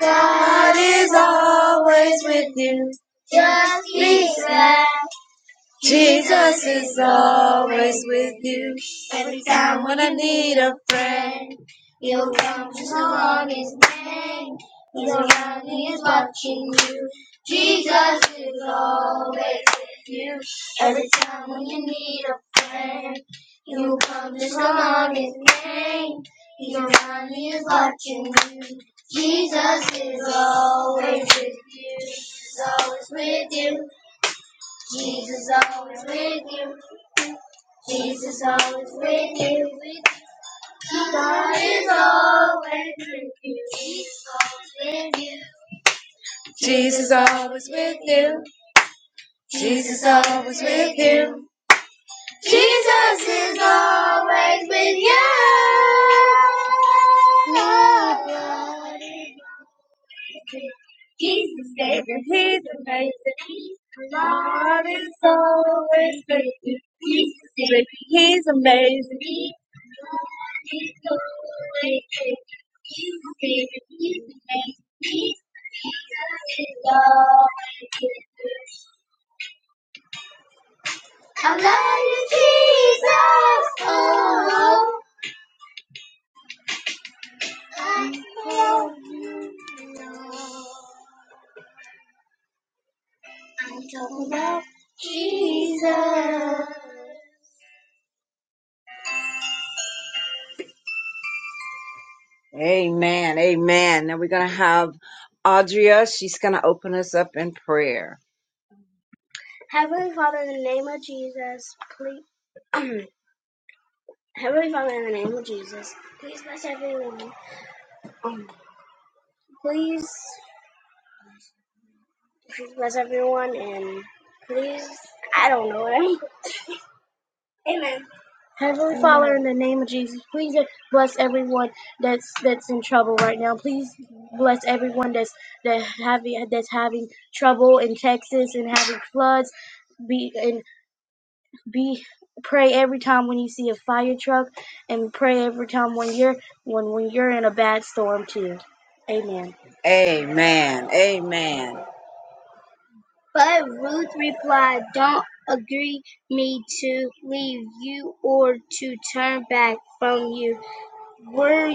God is always with you. Just be glad. Jesus is always with you. Every time when I need a friend, He'll come to along His name. He's around, He is watching you. Jesus is always with you. Every time when you need a friend, He'll come to along His name. He's around, He is watching you. Jesus is always with you. He's always with you. Jesus always with you. Jesus always with you. God is always with you. Jesus always with you. Jesus always with you. Jesus always with you. Jesus is always with you. Nobody He's the Savior, He's amazing. God is always faithful. He's the Savior, He's amazing. God is always faithful. He's the Savior, He's amazing. Jesus is always faithful. I love you, Jesus. Oh, I love you, Lord. I don't love Jesus. Amen. Amen. Now we're going to have Audria. She's going to open us up in prayer. Heavenly Father, in the name of Jesus, please. *clears throat* Heavenly Father, in the name of Jesus, please bless everyone. Um, Please, please bless everyone and please, I don't know. *laughs* Amen. Heavenly Father, in the name of Jesus, bless everyone. That please bless everyone that's that having that's having trouble in Texas and having floods. Be in be pray every time when you see a fire truck and pray every time when you're when when you're in a bad storm too. Amen. Amen. Amen. But Ruth replied, Don't agree me to leave you or to turn back from you. Where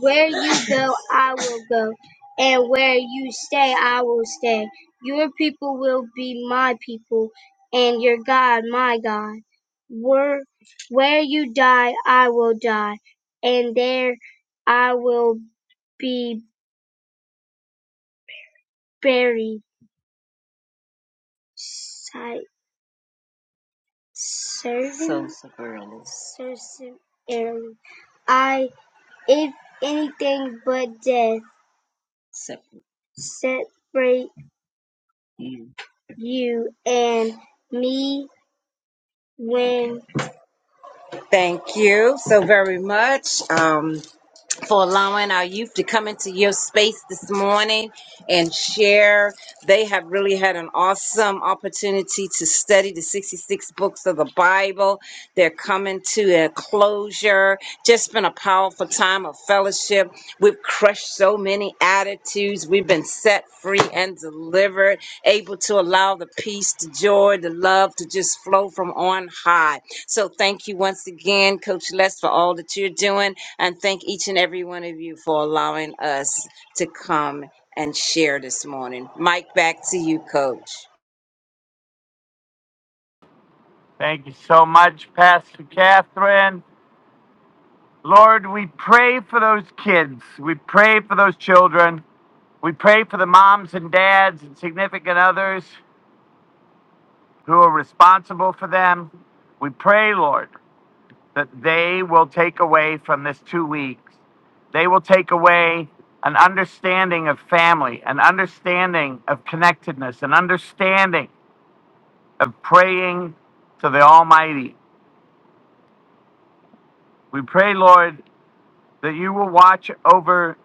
where you go, I will go, and where you stay, I will stay. Your people will be my people, and your God my God. Where where you die, I will die, and there I will be buried. Si- So Serving? Cerberus. Cercin- I, if anything but death, Separate, separate you and me win. Thank you so very much. Um, for allowing our youth to come into your space this morning and share. They have really had an awesome opportunity to study the 66 books of the Bible. They're coming to a closure. Just been a powerful time of fellowship. We've crushed so many attitudes. We've been set free and delivered, able to allow the peace, the joy, the love to just flow from on high. So thank you once again, Coach Les, for all that you're doing. And thank each and every one of you for allowing us to come and share this morning. Mike, back to you, Coach. Thank you so much, Pastor Catherine. Lord, we pray for those kids. We pray for those children. We pray for the moms and dads and significant others who are responsible for them. We pray, Lord. that they will take away from this two weeks. They will take away an understanding of family, an understanding of connectedness, an understanding of praying to the Almighty. We pray, Lord, that you will watch over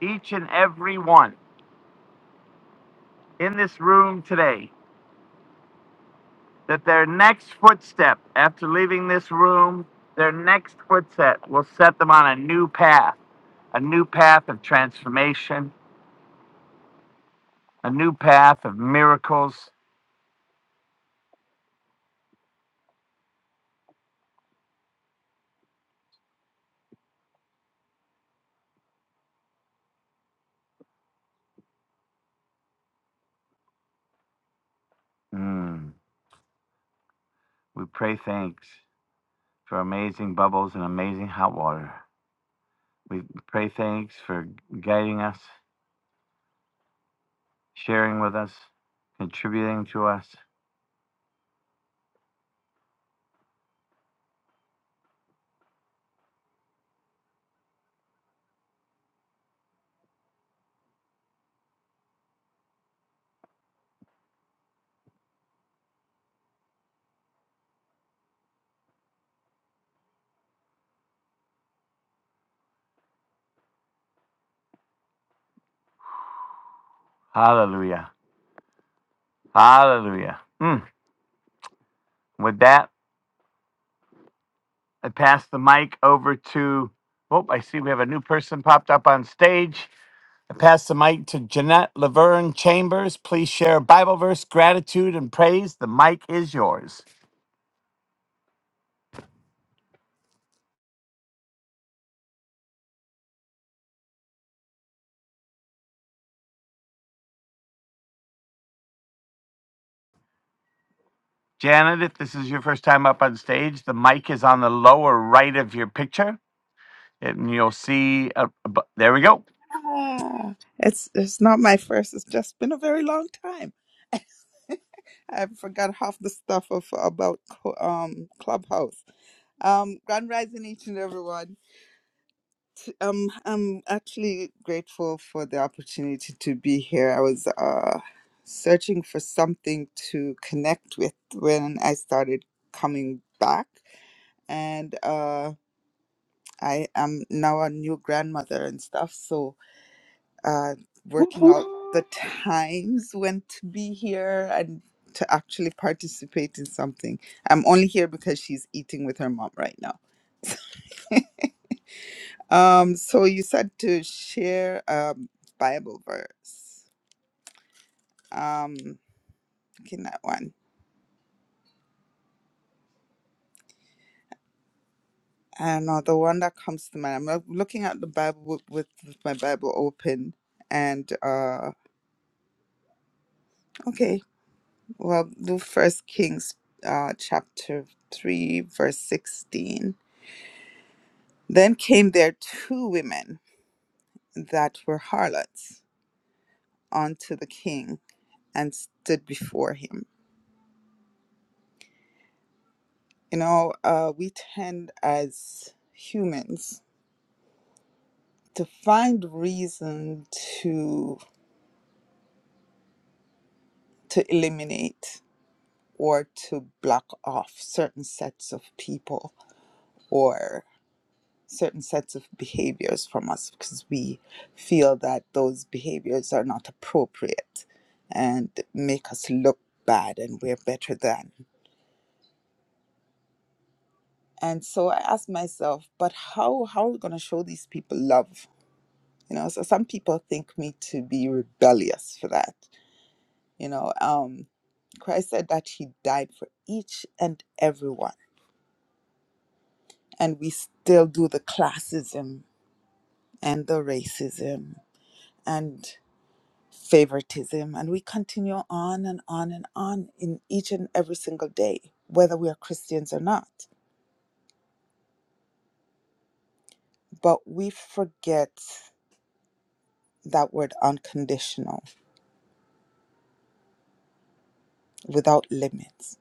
each and every one in this room today, that their next footstep after leaving this room, their next footstep will set them on a new path, a new path of transformation, a new path of miracles. Mm. We pray thanks for amazing bubbles and amazing hot water. We pray thanks for guiding us, sharing with us, contributing to us. Hallelujah. Hallelujah. Mm. With that, I pass the mic over to, oh, I see we have a new person popped up on stage. I pass the mic to Jeanette Laverne Chambers. Please share a Bible verse, gratitude, and praise. The mic is yours. Janet, if this is your first time up on stage, the mic is on the lower right of your picture, and you'll see. A, a there we go. Ah, it's it's not my first. It's just been a very long time. *laughs* I forgot half the stuff of about Cl- um Clubhouse. Um, Grand Rising each and everyone. T- Um, I'm actually grateful for the opportunity to be here. I was uh searching for something to connect with when I started coming back, and uh, I am now a new grandmother and stuff. So uh, working out the times when to be here and to actually participate in something. I'm only here because she's eating with her mom right now. *laughs* Um, so you said to share a Bible verse. Um, looking at one. I don't know the one that comes to mind. I'm loo- looking at the Bible with, with, with my Bible open, and uh, okay, well, do First Kings, uh, chapter three, verse sixteen Then came there two women that were harlots unto the king and stood before him. You know, uh, we tend as humans to find reason to to eliminate or to block off certain sets of people or certain sets of behaviors from us because we feel that those behaviors are not appropriate and make us look bad and we're better than And so I asked myself, but how how are we gonna show these people love? You know, so some people think me to be rebellious for that. You know, um, Christ said that he died for each and everyone, and we still do the classism and the racism and favoritism, and we continue on and on and on in each and every single day, whether we are Christians or not. But we forget that word unconditional without limits.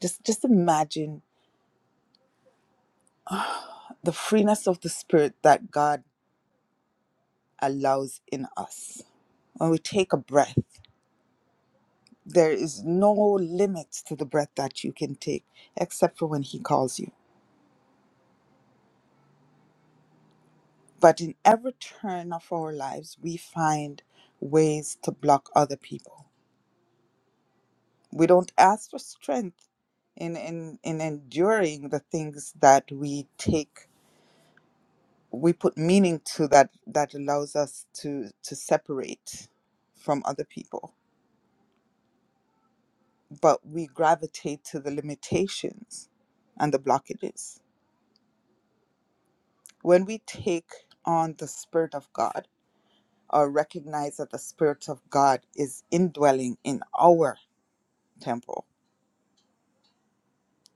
Just just imagine the freeness of the spirit that God allows in us. When we take a breath, there is no limit to the breath that you can take except for when he calls you. But in every turn of our lives, we find ways to block other people. We don't ask for strength in in, in enduring the things that we take we put meaning to that that allows us to to separate from other people but we gravitate to the limitations and the blockages when we take on the spirit of god or recognize that the spirit of god is indwelling in our temple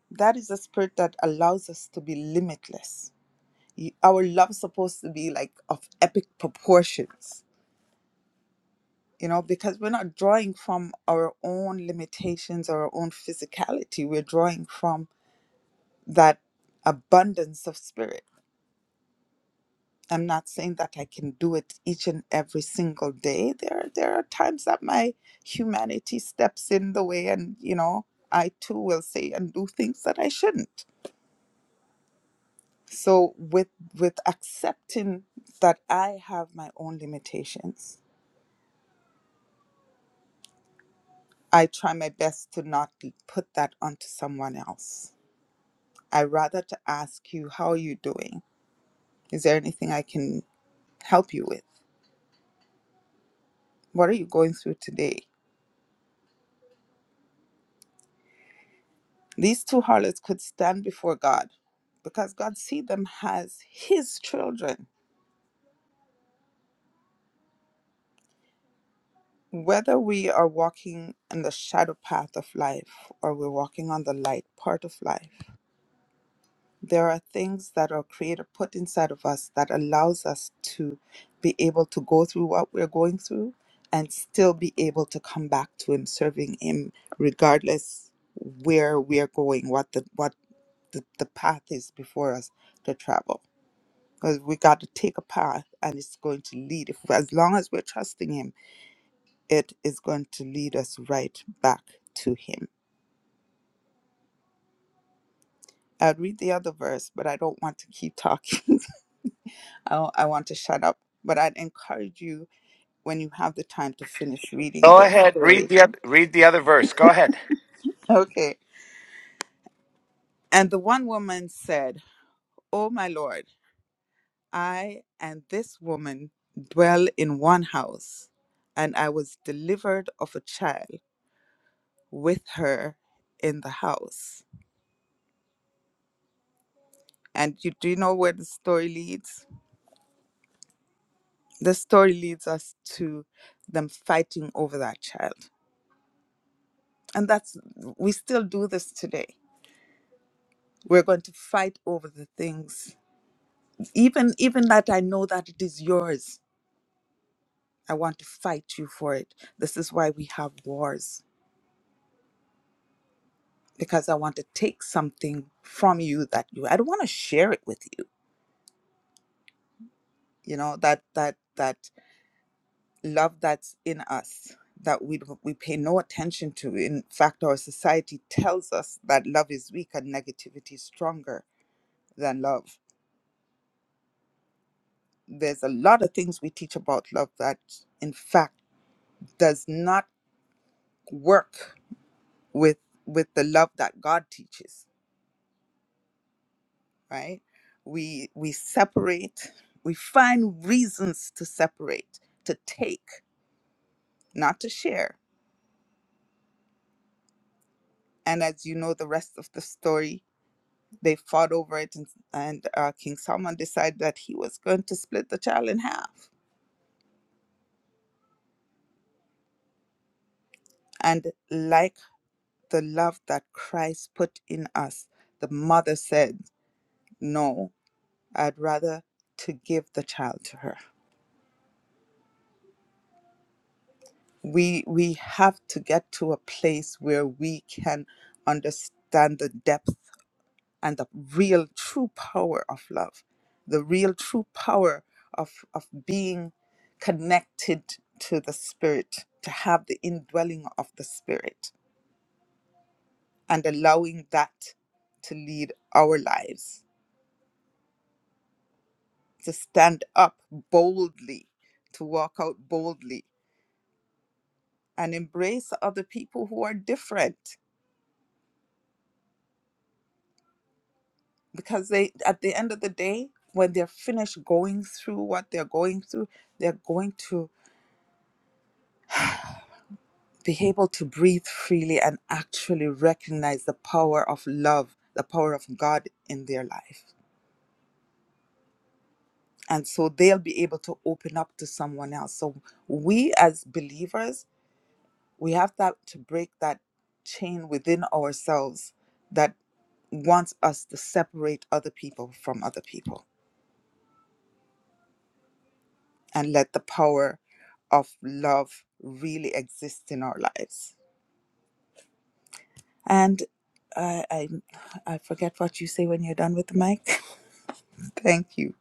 that is a spirit that allows us to be limitless Y- our love is supposed to be like of epic proportions you know, because we're not drawing from our own limitations or our own physicality. We're drawing from that abundance of spirit. I'm not saying that I can do it each and every single day. There, there are times that my humanity steps in the way, and you know, I too will say and do things that I shouldn't. So, with with accepting that I have my own limitations, I try my best to not put that onto someone else I rather to ask you, how are you doing? Is there anything I can help you with? What are you going through today? These two harlots could stand before God because God sees them as his children. Whether we are walking in the shadow path of life or we're walking on the light part of life, there are things that our creator put inside of us that allows us to be able to go through what we're going through and still be able to come back to him serving him regardless where we're going what the what the, the path is before us to travel because we got to take a path and it's going to lead if as long as we're trusting him it is going to lead us right back to him i'd read the other verse but i don't want to keep talking *laughs* I, I want to shut up, but I'd encourage you when you have the time to finish reading Go the ahead. Read story. *laughs* the oth- read the other verse. Go ahead. Okay. And the one woman said, Oh, my Lord, I and this woman dwell in one house, and I was delivered of a child with her in the house. And you, do you know where the story leads? The story leads us to them fighting over that child. And that's, we still do this today We're going to fight over the things, even even that I know that it is yours. I want to fight you for it. This is why we have wars because I want to take something from you that you. I don't want to share it with you. You know that that that love that's in us that we don't- we pay no attention to. In fact, our society tells us that love is weak and negativity is stronger than love. There's a lot of things we teach about love that, in fact, does not work with with the love that God teaches, right? We we separate, we find reasons to separate, to take, not to share. And as you know, the rest of the story, they fought over it, and, and uh, King Solomon decided that he was going to split the child in half. And like the love that Christ put in us, the mother said, "No, I'd rather to give the child to her." we we have to get to a place where we can understand the depth and the real true power of love the real true power of of being connected to the spirit to have the indwelling of the spirit and allowing that to lead our lives to stand up boldly to walk out boldly and embrace other people who are different because they at the end of the day when they're finished going through what they're going through they're going to be able to breathe freely and actually recognize the power of love the power of god in their life and so they'll be able to open up to someone else so we as believers we have that to break that chain within ourselves that wants us to separate other people from other people and let the power of love really exist in our lives. And I, I, I forget what you say when you're done with the mic. *laughs* Thank you.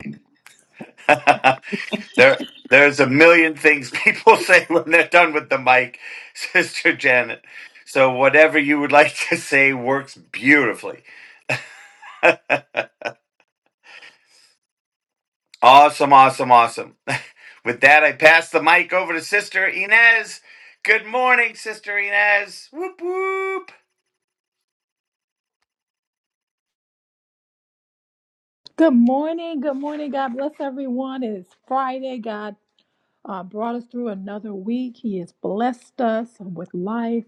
*laughs* there, there's a million things people *laughs* say when they're done with the mic, *laughs* Sister Janet. So whatever you would like to say works beautifully. Awesome, awesome, awesome. *laughs* With that, I pass the mic over to Sister Inez. Good morning, Sister Inez. Whoop whoop. Good morning. Good morning. God bless everyone. It is Friday. God uh, brought us through another week. He has blessed us with life.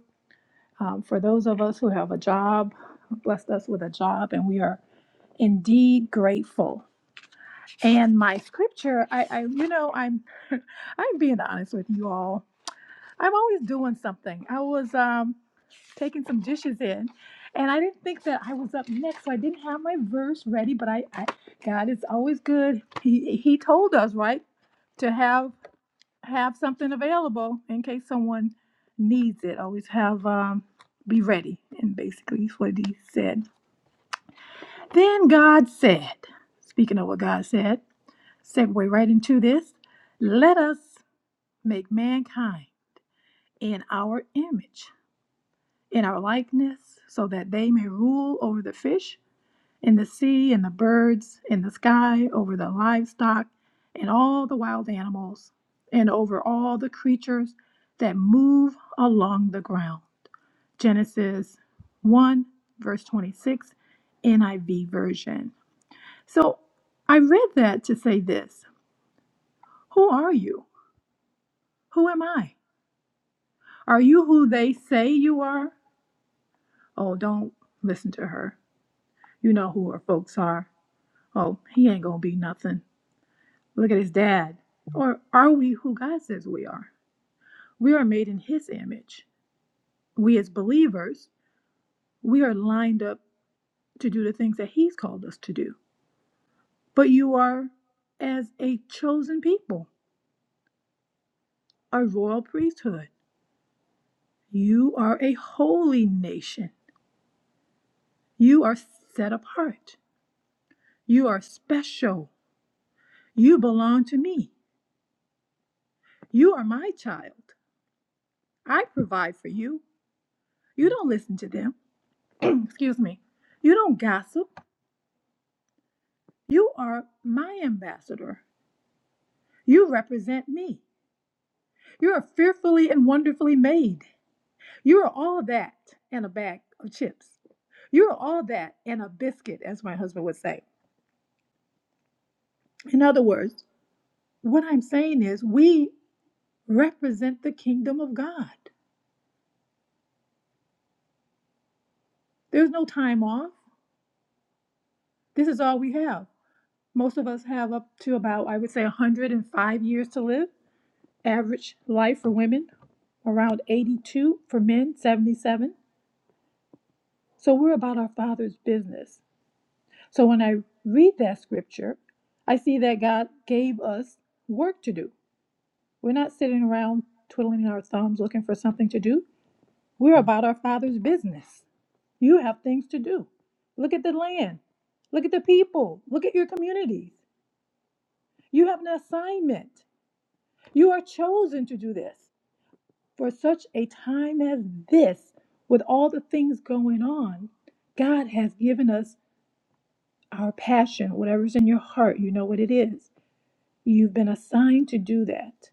Um, for those of us who have a job, blessed us with a job, and we are indeed grateful. And my scripture, I, I you know, I'm, *laughs* I'm being honest with you all. I'm always doing something. I was, um, taking some dishes in. And I didn't think that I was up next, so I didn't have my verse ready. But I, I God is always good. He He told us right to have have something available in case someone needs it. Always have um, be ready. And basically, is what He said. Then God said, speaking of what God said, segue right into this. Let us make mankind in our image, in our likeness, so that they may rule over the fish in the sea, in the birds, in the sky, over the livestock, and all the wild animals, and over all the creatures that move along the ground. Genesis 1, verse 26, NIV version. So I read that to say this Who are you? Who am I? Are you who they say you are? Oh, don't listen to her. You know who her folks are. Oh, he ain't gonna be nothing. Look at his dad. Or are we who God says we are? We are made in his image. We, as believers, we are lined up to do the things that he's called us to do. But you are, as a chosen people, a royal priesthood. You are a holy nation. You are set apart. You are special. You belong to me. You are my child. I provide for you. You don't listen to them. *clears throat* Excuse me. You don't gossip. You are my ambassador. You represent me. You are fearfully and wonderfully made. You are all that and a bag of chips. You're all that and a biscuit, as my husband would say. In other words, what I'm saying is we represent the kingdom of God. There's no time off. This is all we have. Most of us have up to about, I would say, 105 years to live. Average life for women, around 82 for men, 77. So we're about our Father's business. So when I read that scripture, I see that God gave us work to do. We're not sitting around twiddling our thumbs looking for something to do. We're about our Father's business. You have things to do. Look at the land. Look at the people. Look at your communities. You have an assignment. You are chosen to do this. For such a time as this, with all the things going on, God has given us our passion, whatever's in your heart, you know what it is. You've been assigned to do that.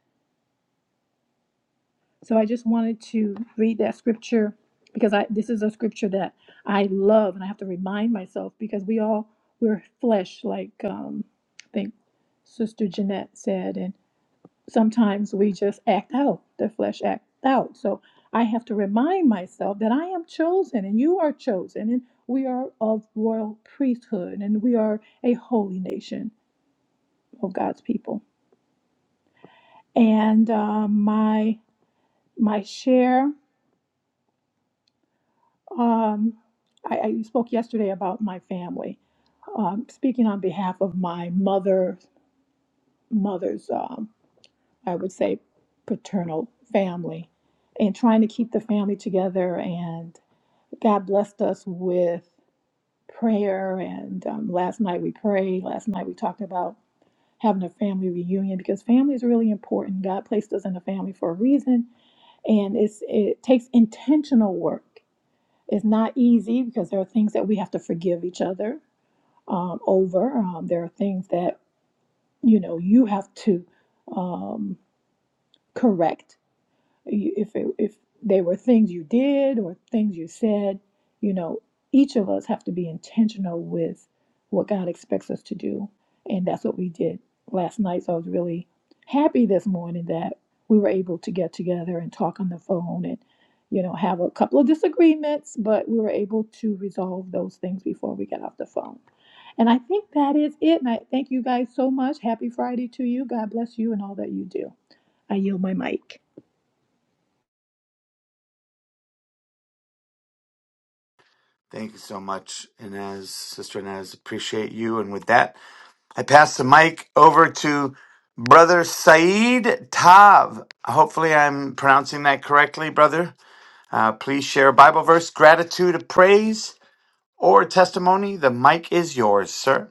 So I just wanted to read that scripture because I this is a scripture that I love and I have to remind myself because we all we're flesh like um I think Sister Jeanette said and sometimes we just act out. The flesh acts out. So I have to remind myself that I am chosen and you are chosen and we are of royal priesthood and we are a holy nation of God's people. And uh, my my share, um, I, I spoke yesterday about my family. Um, speaking on behalf of my mother, mother's, um, I would say, paternal family, and trying to keep the family together. And God blessed us with prayer. And um, last night we prayed. Last night we talked about having a family reunion because family is really important. God placed us in a family for a reason and it's it takes intentional work. It's not easy because there are things that we have to forgive each other um, over. Um, there are things that you know you have to um, correct you- if it, if they were things you did or things you said, you know, each of us have to be intentional with what God expects us to do, and that's what we did last night. So I was really happy this morning that we were able to get together and talk on the phone and you know have a couple of disagreements but we were able to resolve those things before we got off the phone and i think that is it and i thank you guys so much happy friday to you god bless you and all that you do i yield my mic Thank you so much, Inez, Sister Inez. Appreciate you. And with that, I pass the mic over to Brother Saeed Tav. Hopefully, I'm pronouncing that correctly, brother. Uh, please share a Bible verse, gratitude, a praise, or testimony. The mic is yours, sir.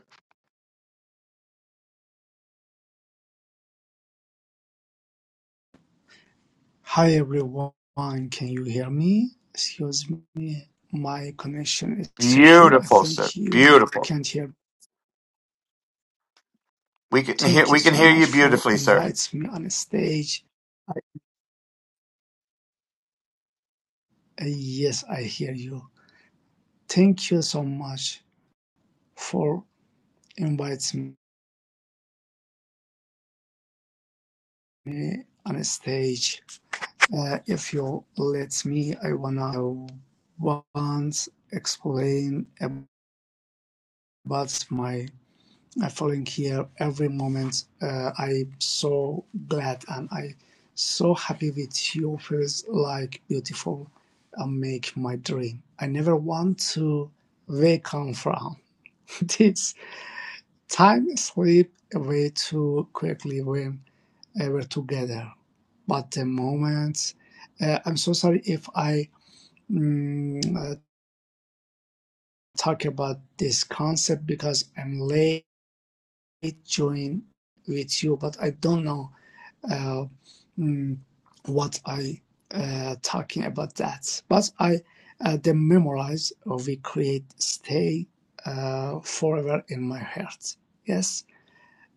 Hi everyone, can you hear me? Excuse me, my connection is so poor. I Beautiful, sir. think you Beautiful. can't hear. me. We can hear. Thank you We can so hear you much for beautifully, sir. inviting me on stage. I, uh, yes, I hear you. Thank you so much for inviting me on stage. Uh, if you let me, I wanna once explain about my uh, following here every moment. Uh, I'm so glad and I so happy with you. Feels like beautiful and make my dream. I never want to wake up from *laughs* this time sleep way too quickly when uh, we're together. But the moments, uh, I'm so sorry if I mm, uh, talk about this concept because I'm late join with you, but I don't know uh, mm, what I uh, talking about that. But I uh, the memorize or we create stay uh, forever in my heart. Yes,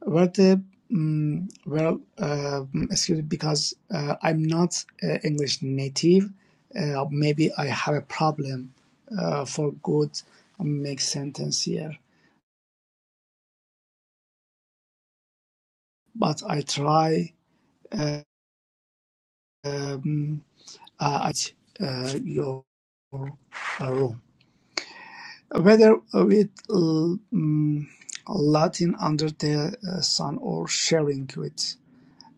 where the mm, well, uh, excuse me, because uh, I'm not uh, English native. Uh, maybe I have a problem uh, for good um, make sentence here, but I try. Uh, um, uh, I, uh, your uh, Whether with l- mm, Latin under the uh, sun or sharing with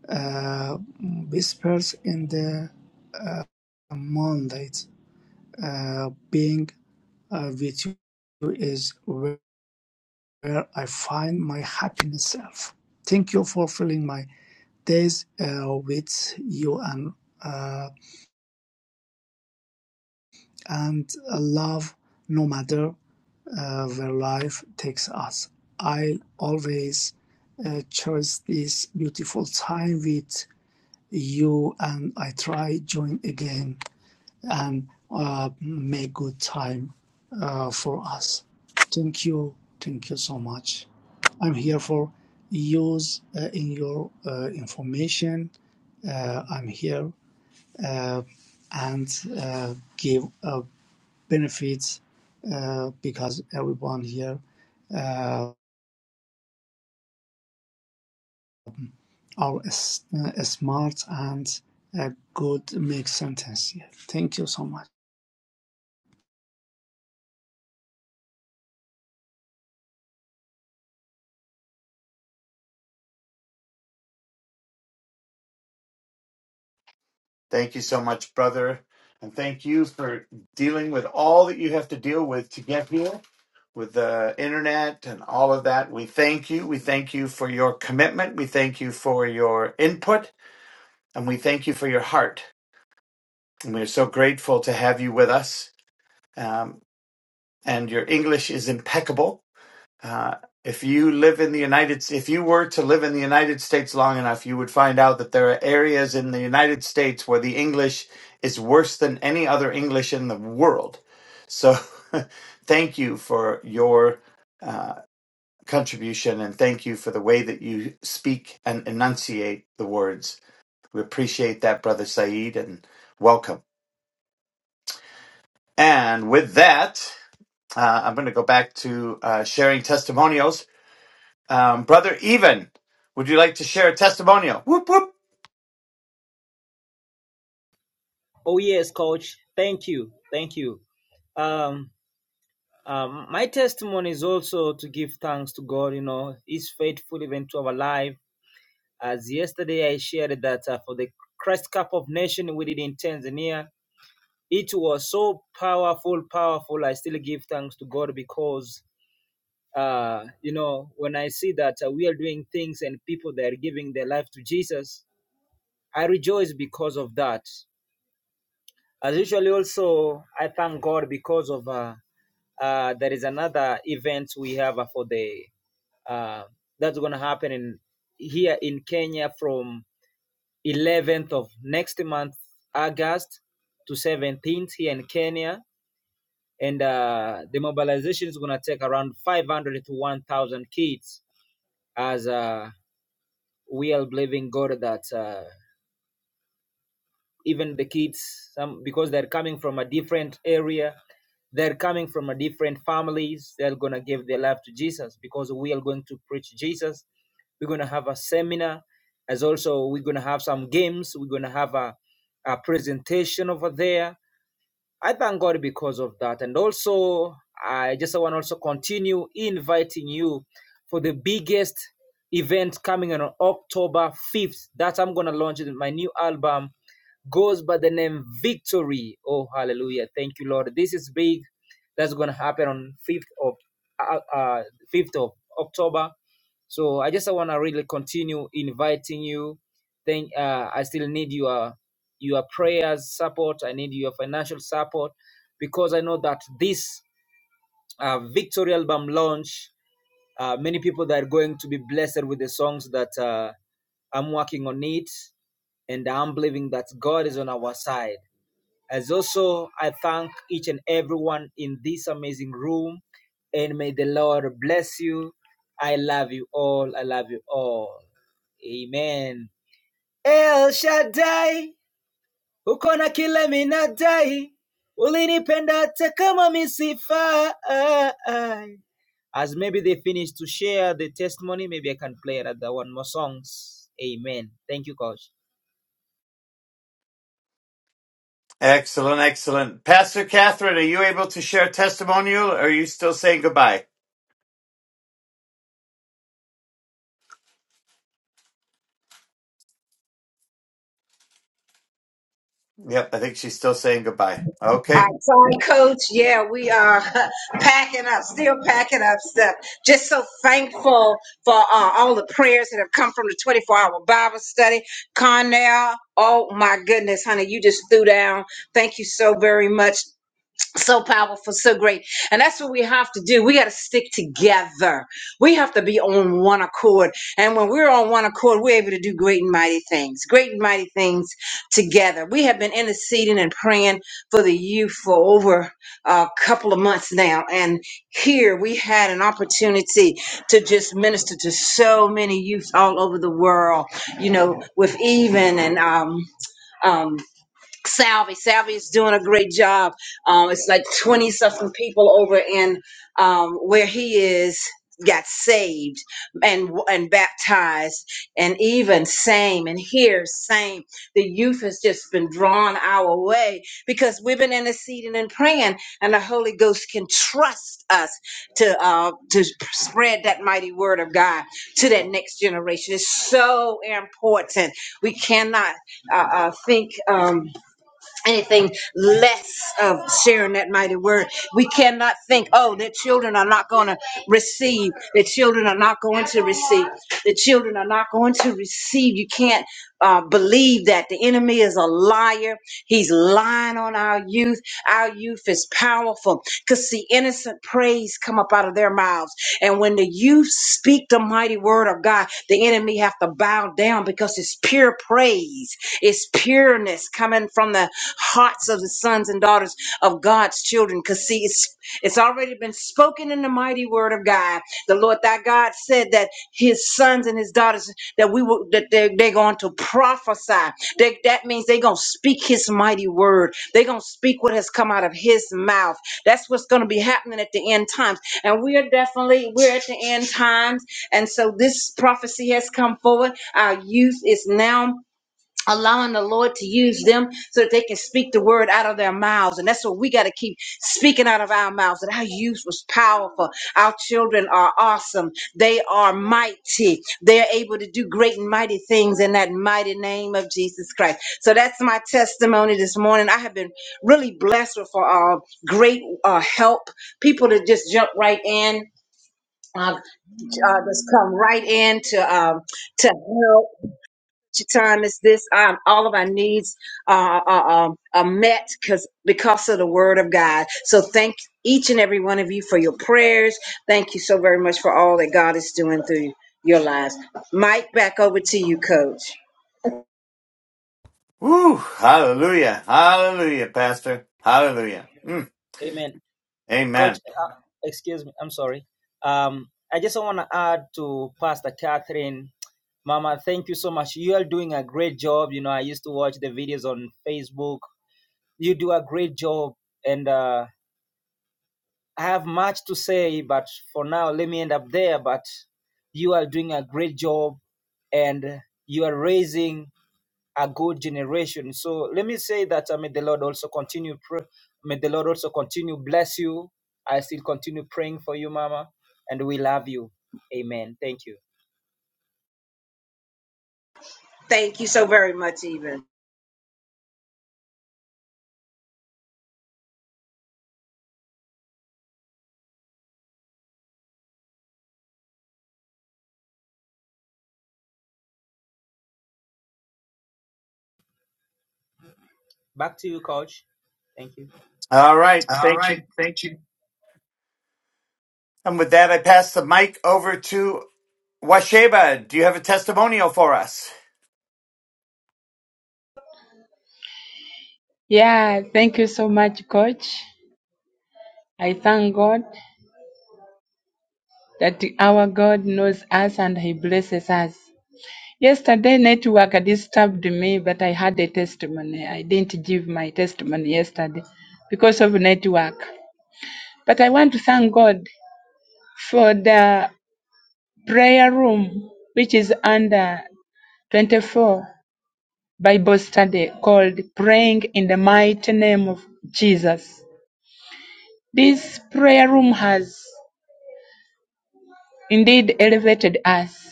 uh, whispers in the moonlight, uh, being uh, with you is where I find my happiness self. Thank you for filling my days uh, with you and uh, and love, no matter uh, where life takes us. I always uh, cherish this beautiful time with you, and I try join again and uh, make good time uh, for us. Thank you, thank you so much. I'm here for use uh, in your uh, information. Uh, I'm here uh, and uh, give uh, benefits uh, because everyone here uh, are s- uh, smart and a good make sentence here. Thank you so much. Thank you so much, brother, and thank you for dealing with all that you have to deal with to get here with the internet and all of that. We thank you. We thank you for your commitment. We thank you for your input and we thank you for your heart. And we're so grateful to have you with us. Um, and your English is impeccable. Uh, if you live in the United if you were to live in the United States long enough, you would find out that there are areas in the United States where the English is worse than any other English in the world. So *laughs* thank you for your uh, contribution and thank you for the way that you speak and enunciate the words. We appreciate that, Brother Saeed, and welcome. And with that, uh, I'm going to go back to uh, sharing testimonials. Um, Brother Even, would you like to share a testimonial? Whoop, whoop. Excellent, excellent. Pastor Catherine, are you able to share a testimonial or are you still saying goodbye? Yep, I think she's still saying goodbye. All Okay. right, sorry, Coach. Yeah, we are *laughs* packing up, still packing up stuff. Just so thankful for uh, all the prayers that have come from the 24 hour Bible study. Connell, oh my goodness, honey, you just threw down. Thank you so very much. so powerful, so great. And that's what we have to do. We got to stick together. We have to be on one accord. And when we're on one accord, we're able to do great and mighty things, great and mighty things together. We have been interceding and praying for the youth for over a couple of months now. And here we had an opportunity to just minister to so many youth all over the world, you know, with even and, um, um. Salvi. Salvi is doing a great job. Um, it's like 20 something people over in um, where he is got saved and and baptized and even same and here same the youth has just been drawn our way because we've been interceding and praying and the holy ghost can trust us to uh to spread that mighty word of god to that next generation it's so important we cannot uh, uh think um anything less of sharing that mighty word. We cannot think, oh, the children are not going to receive. The children are not going to receive. The children are not going to receive. You can't uh, believe that. The enemy is a liar. He's lying on our youth. Our youth is powerful because see, innocent praise come up out of their mouths. And when the youth speak the mighty word of God, the enemy have to bow down because it's pure praise it's pureness coming from the hearts of the sons and daughters of God's children. Because see, it's it's already been spoken in the mighty word of God. The Lord thy God said that his sons and his daughters that we will that they're, they're going to prophesy. They, that means they're gonna speak his mighty word. They're gonna speak what has come out of his mouth. That's what's gonna be happening at the end times. And we are definitely we're at the end times. And so this prophecy has come forward. Our youth is now allowing the Lord to use them so that they can speak the word out of their mouths. And that's what we got to keep speaking out of our mouths. That our youth was powerful. Our children are awesome. They are mighty. They're able to do great and mighty things in that mighty name of Jesus Christ. So that's my testimony this morning. I have been really blessed with uh, great uh, help, people to just jump right in. Uh, uh, just come right in to um, to help time is this um, all of our needs uh, are, are, are met because because of the word of god so thank each and every one of you for your prayers thank you so very much for all that god is doing through your lives mike back over to you coach Woo! Hallelujah. Hallelujah, Pastor. Hallelujah. Mm, amen. thank you so very much even All right. Thank you. Thank you. And with that, I pass the mic over to Washeba. Do you have a testimonial for us? Yeah, thank you so much, Coach. I thank God that our God knows us and He blesses us. Yesterday, network disturbed me, but I had a testimony. I didn't give my testimony yesterday because of network. But I want to thank God for the prayer room, which is under 24 Bible study called Praying in the Mighty Name of Jesus. This prayer room has indeed elevated us.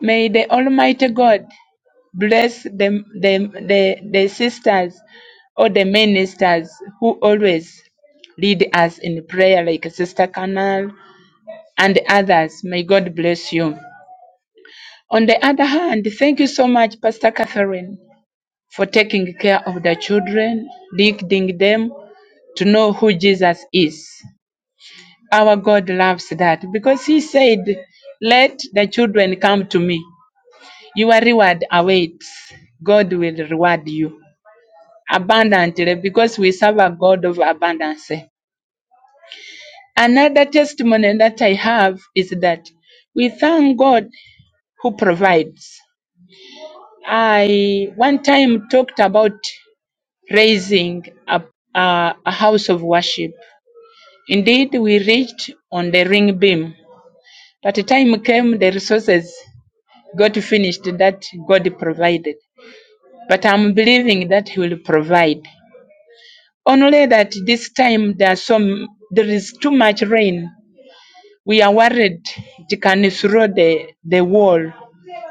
May the Almighty God bless the, the, the, the sisters or the ministers who always lead us in prayer, like Sister Canal and others. May God bless you. On the other hand, thank you so much, Pastor Catherine, for taking care of the children, leading them to know who Jesus is. Our God loves that because He said, Let the children come to me. Your reward awaits. God will reward you abundantly because we serve a God of abundance. Another testimony that I have is that we thank God who provides. I one time talked about raising a, a, a house of worship. Indeed, we reached on the ring beam, but the time came the resources got finished that God provided. But I'm believing that He will provide Only that this time there are some there is too much rain. We are worried it can throw the, the wall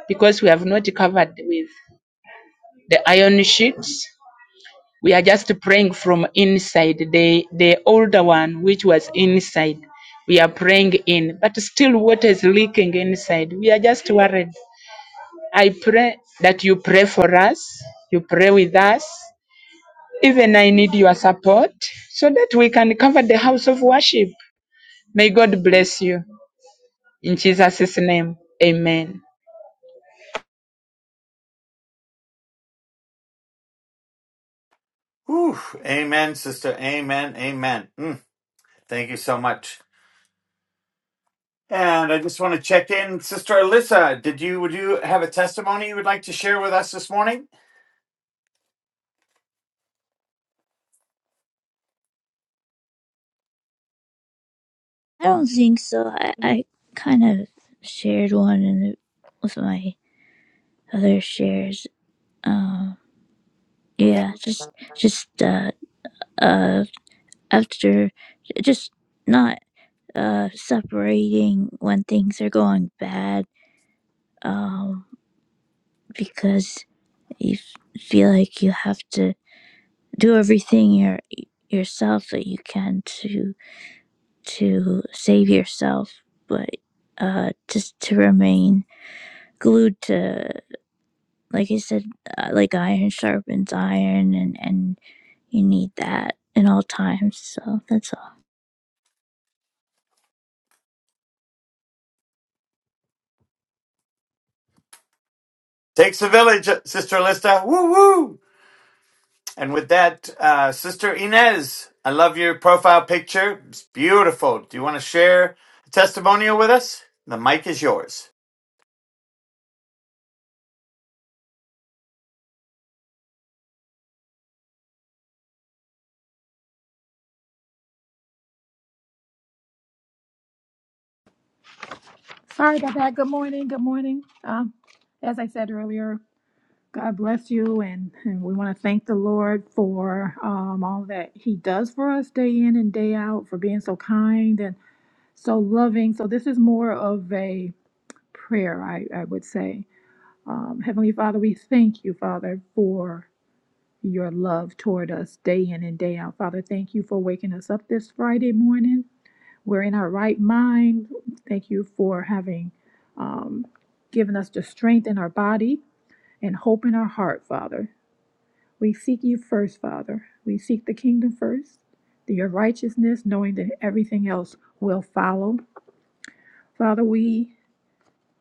because we have not covered with the iron sheets. We are just praying from inside the the older one which was inside. We are praying in, but still water is leaking inside. We are just worried. I pray that you pray for us, you pray with us. Even I need your support so that we can cover the house of worship. May God bless you. In Jesus' name, amen. Whew. Amen, sister. Amen. Amen. Mm, thank you so much. And I just want to check in, Sister Alyssa. Did you would you have a testimony you would like to share with us this morning? I don't think so. I, I kind of shared one in the, with my other shares. Um, yeah, just just uh, uh, after, just not uh, separating when things are going bad. Um, because you feel like you have to do everything your yourself that you can to. to save yourself, but uh, just to remain glued to, like I said, uh, like iron sharpens iron, and and you need that in all times. So that's all. Takes a village, Sister Alyssa. Woo woo! And with that, uh, Sister Inez, I love your profile picture. It's beautiful. Do you want to share a testimonial with us? The mic is yours. Sorry about that. Good morning. Good morning. Um, as I said earlier, God bless you, and, and we want to thank the Lord for um, all that He does for us day in and day out, for being so kind and so loving. So, this is more of a prayer, I, I would say. Um, Heavenly Father, we thank you, Father, for your love toward us day in and day out. Father, thank you for waking us up this Friday morning we're in our right mind. Thank you for having um, given us the strength in our body and hope in our heart, Father. We seek you first, Father. We seek the kingdom first, your righteousness, knowing that everything else will follow. Father, we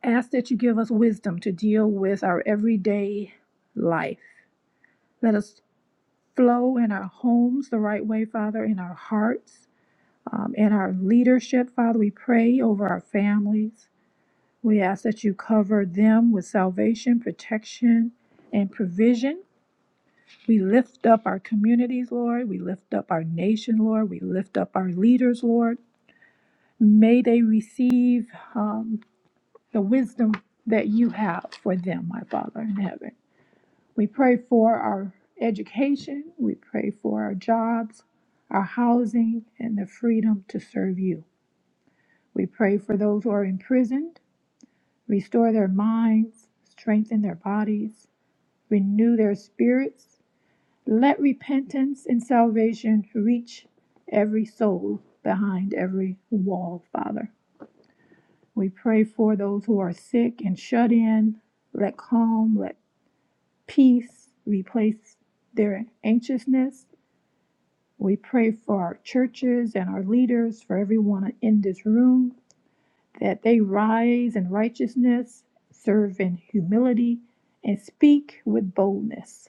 ask that you give us wisdom to deal with our everyday life. Let us flow in our homes the right way, Father, in our hearts, um, in our leadership, Father. We pray over our families. We ask that you cover them with salvation, protection, and provision. We lift up our communities, Lord. We lift up our nation, Lord. We lift up our leaders, Lord. May they receive um, the wisdom that you have for them, my Father in heaven. We pray for our education. We pray for our jobs, our housing, and the freedom to serve you. We pray for those who are imprisoned. Restore their minds, strengthen their bodies, renew their spirits. Let repentance and salvation reach every soul behind every wall, Father. We pray for those who are sick and shut in. Let calm, let peace replace their anxiousness. We pray for our churches and our leaders, for everyone in this room, that they rise in righteousness, serve in humility, and speak with boldness.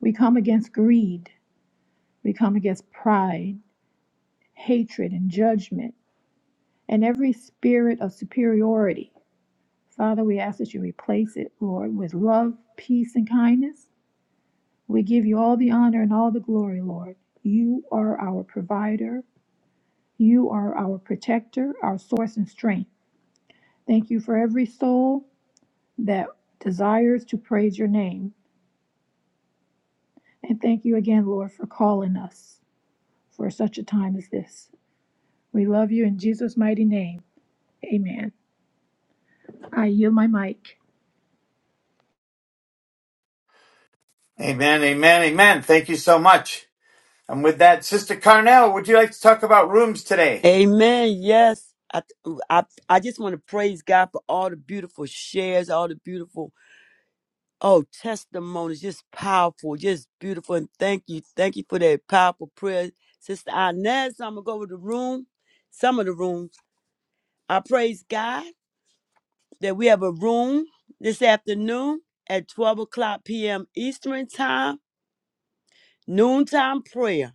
We come against greed We come against pride, hatred, and judgment, and every spirit of superiority. Father, we ask that you replace it, Lord, with love, peace, and kindness. We give you all the honor and all the glory, Lord. You are our provider, you are our protector, our source and strength. Thank you for every soul that desires to praise your name. And thank you again, Lord, for calling us for such a time as this. We love you in Jesus' mighty name. Amen. I yield my mic. Amen, amen, amen. Thank you so much. And with that, Sister Carnell, would you like to talk about rooms today? Amen. Yes. I, I, I just want to praise God for all the beautiful shares, all the beautiful Oh, testimonies, just powerful, just beautiful. And thank you. Thank you for that powerful prayer. Sister Inez, I'm going to go over the room, some of the rooms. I praise God that we have a room this afternoon at 12 o'clock p.m. Eastern Time, noontime prayer.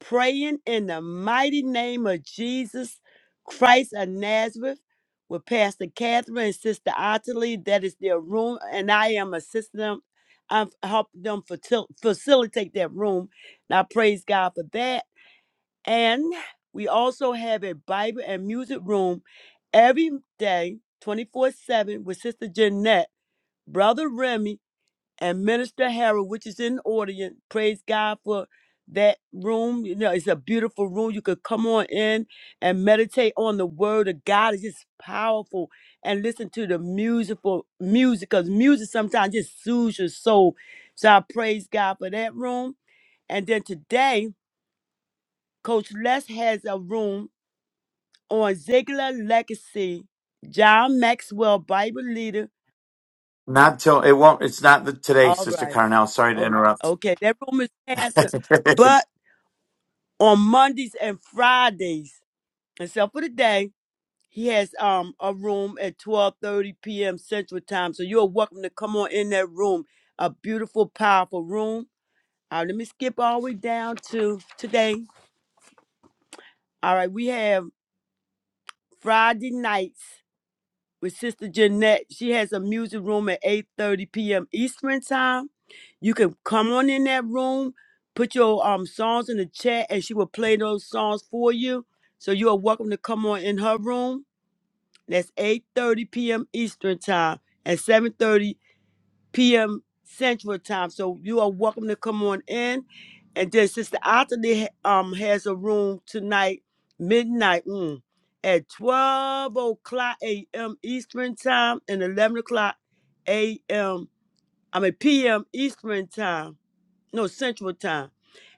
praying in the mighty name of Jesus Christ of Nazareth with Pastor Catherine and Sister Ottilie. That is their room, and I am assisting them. I'm helping them facil- facilitate that room. And I praise God for that. And we also have a Bible and music room every day, 24 7, with Sister Jeanette, Brother Remy, and Minister Harold, which is in the audience. Praise God for that room. You know, it's a beautiful room. You could come on in and meditate on the word of God. It's just powerful. And listen to the musical music, because music sometimes just soothes your soul. So I praise God for that room. And then today, Coach Les has a room on Ziegler Legacy, John Maxwell, Bible leader. Not till it won't. It's not the, today, All Sister right. Carnell. Sorry to Oh, interrupt. okay. That room is *laughs* canceled. thank But on Mondays and Fridays, except for the day, he has um a room at 12:30 p.m. Central Time. So you're welcome to come on in that room. A beautiful, powerful room. All right, let me skip all the way down to today. All right, we have Friday nights. with Sister Jeanette. She has a music room at 8:30 p.m. Eastern time. You can come on in that room, put your um songs in the chat, and she will play those songs for you. So you are welcome to come on in her room. That's 8:30 p.m. Eastern time and 7:30 p.m. Central Time. So you are welcome to come on in. And then Sister Anthony um has a room tonight, midnight, mm, at 12 o'clock a.m. Eastern Time and 11 o'clock a.m. I mean p.m. Eastern Time. No, Central Time.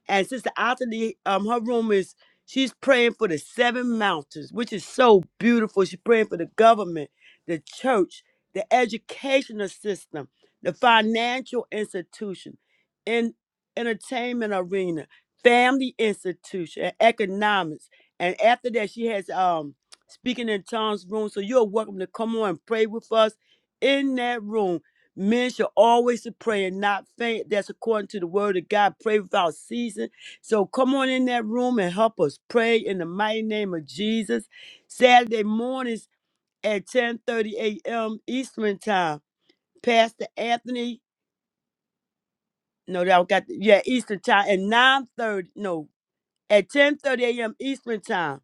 And Sister Anthony, um, her room is she's praying for the seven mountains, which is so beautiful. She's praying for the government, the church, the educational system, the financial institution, in entertainment arena, family institution, and economics. And after that, she has um speaking in tongues room. So you're welcome to come on and pray with us in that room. Men should always to pray and not faint. That's according to the word of God. Pray without ceasing. So come on in that room and help us pray in the mighty name of Jesus. Saturday mornings at 10:30 a.m. Eastern time. Pastor Anthony, no, that I got the, yeah, Eastern time at 9:30. No, at 10:30 a.m. Eastern time.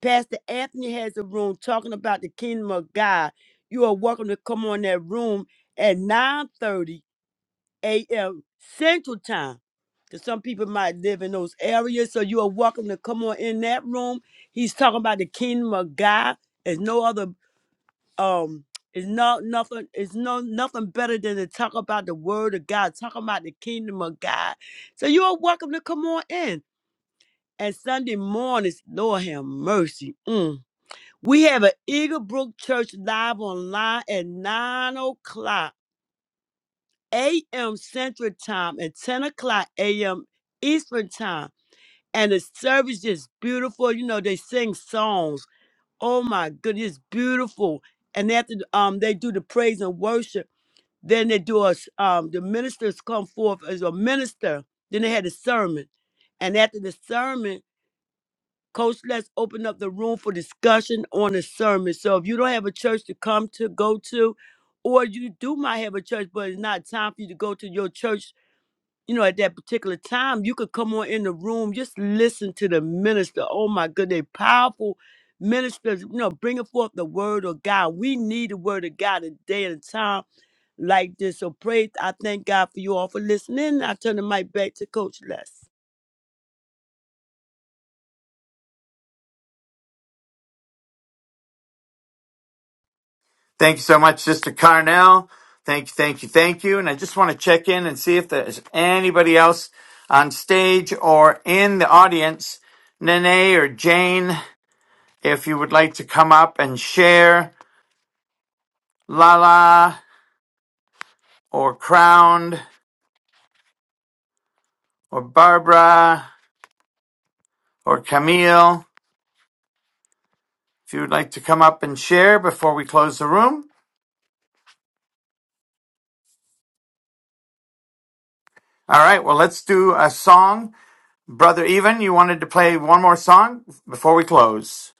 Pastor Anthony has a room talking about the kingdom of God. You are welcome to come on that room at 9:30 a.m. Central Time. Because some people might live in those areas, so you are welcome to come on in that room. He's talking about the kingdom of God. There's no other um it's not nothing it's no nothing better than to talk about the word of God, talking about the kingdom of God. So you are welcome to come on in. And Sunday mornings, Lord have mercy. mm. We have an Eagle Brook Church live online at 9 o'clock a.m. Central Time and 10 o'clock a.m. Eastern Time. And the service is beautiful. You know, they sing songs. Oh my goodness, beautiful. And after um, they do the praise and worship, then they do us. Um, the ministers come forth as a minister. Then they had a sermon, and after the sermon, Coach Let's open up the room for discussion on the sermon. So if you don't have a church to come to, go to, or you do might have a church, but it's not time for you to go to your church you know, at that particular time, you could come on in the room, just listen to the minister. Oh my goodness, powerful ministers, you know, bringing forth the word of God. We need the word of God a day and a time like this. So praise, I thank God for you all for listening. I turn the mic back to Coach Les. you so much, Sister Carnell. Thank you, thank you, thank you. And I just want to check in and see if there's anybody else on stage or in the audience, Nene or Jane, if you would like to come up and share. Lala or Crowned or Barbara or Camille. If you would like to come up and share before we close the room. All right, well, let's do a song. Brother Even, you wanted to play one more song before we close.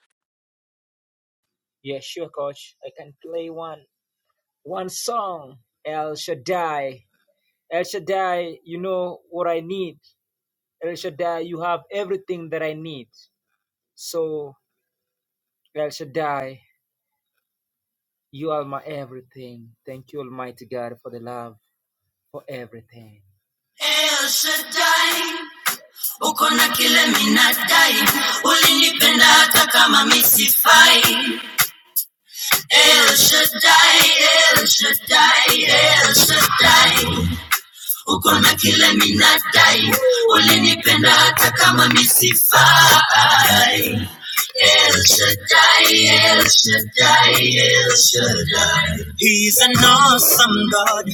He's an awesome God.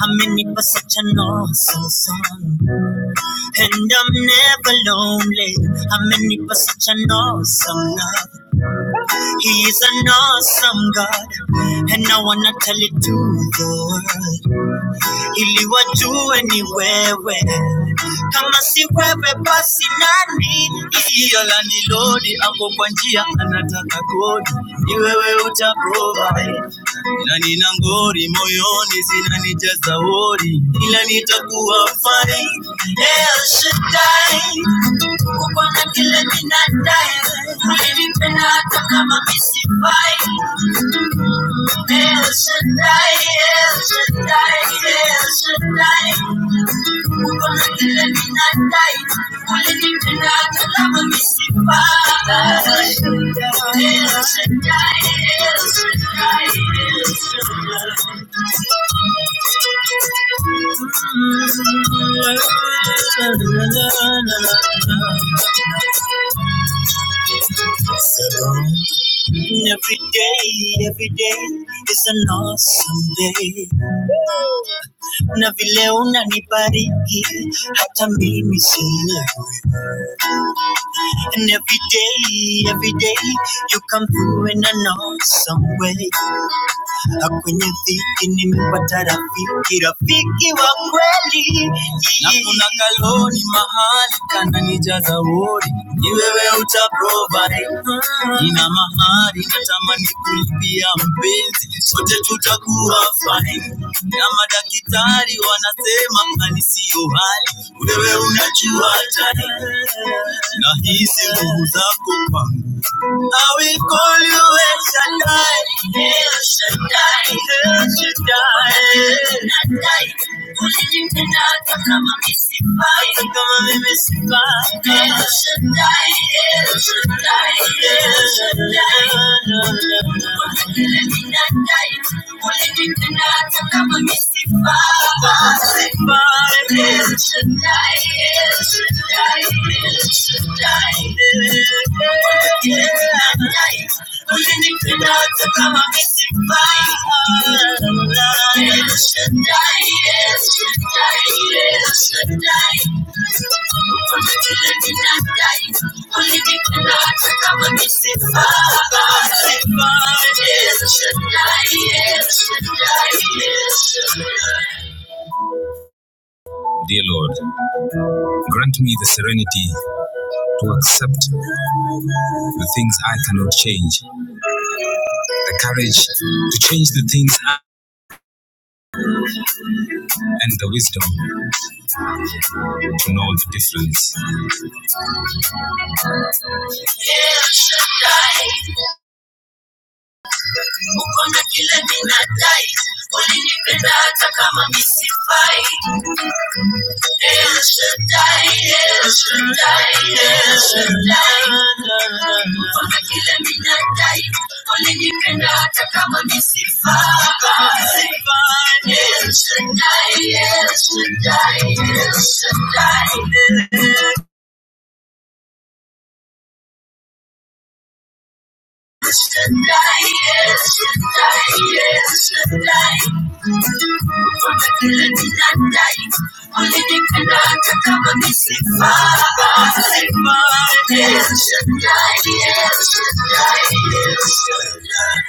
How many for such an awesome song? And I'm never lonely. How many for such an awesome love? He's an awesome God, and I wanna tell it to the world. Ili wajue where? wewe, kama si wewe basi nani? Ila la ni Lodi hapo kwa njia, anataka kodi, ni wewe uta provide. Na nina ngori moyoni, zinanijaza wori, ila nitakuwa fine. El Shaddai, Bwana kile ninadai, ulinipenda hata kama mi sifai. El Shaddai, El Shaddai, El Shaddai. Bwana kile ninadai, ulinipenda hata kama mi sifai. El Shaddai, El Shaddai, El Shaddai. Every day, every day is an awesome day. Na vile unanibariki hata mimi sielewi. And every day, every day you come through in an awesome way na kwenye dhiki nimepata rafiki, rafiki wa kweli. Na kuna kaloni mahali kananijaza wodi, ni wewe utaprovide. Nina mahari natamani kulipia mpenzi, sote tutakuwa fine. Na madaktari wanasema mali siyo hali, wewe unajua tani. Nahisi nguvu zako kwa I will call you El Shaddai, El Shaddai, El Shaddai. El Shaddai, ulinipendaka kama misipai, kama mimi sifai. El Shaddai, El Shaddai. Should die, should die. Dear Lord, grant me the serenity to accept the things I cannot change, the courage to change the things I and the wisdom to know the difference. El Shaddai, El Shaddai, El Shaddai. Mfalme kila ninadai, ulinipe na hata kama ni sifa. El Shaddai, El Shaddai, El Shaddai. Yesterday, yesterday, yesterday. On the killer night Yes,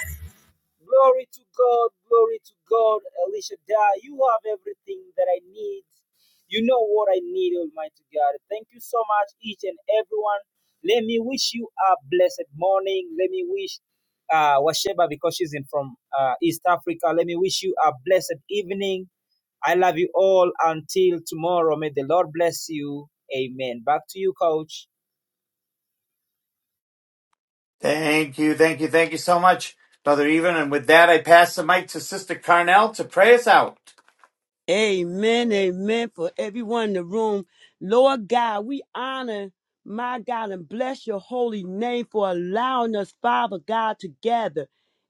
Thank you, thank you, thank you so much, Brother Even. And with that, I pass the mic to Sister Carnell to pray us out. Amen, amen. For everyone in the room, Lord God, we honor my God and bless your holy name for allowing us, Father God, to gather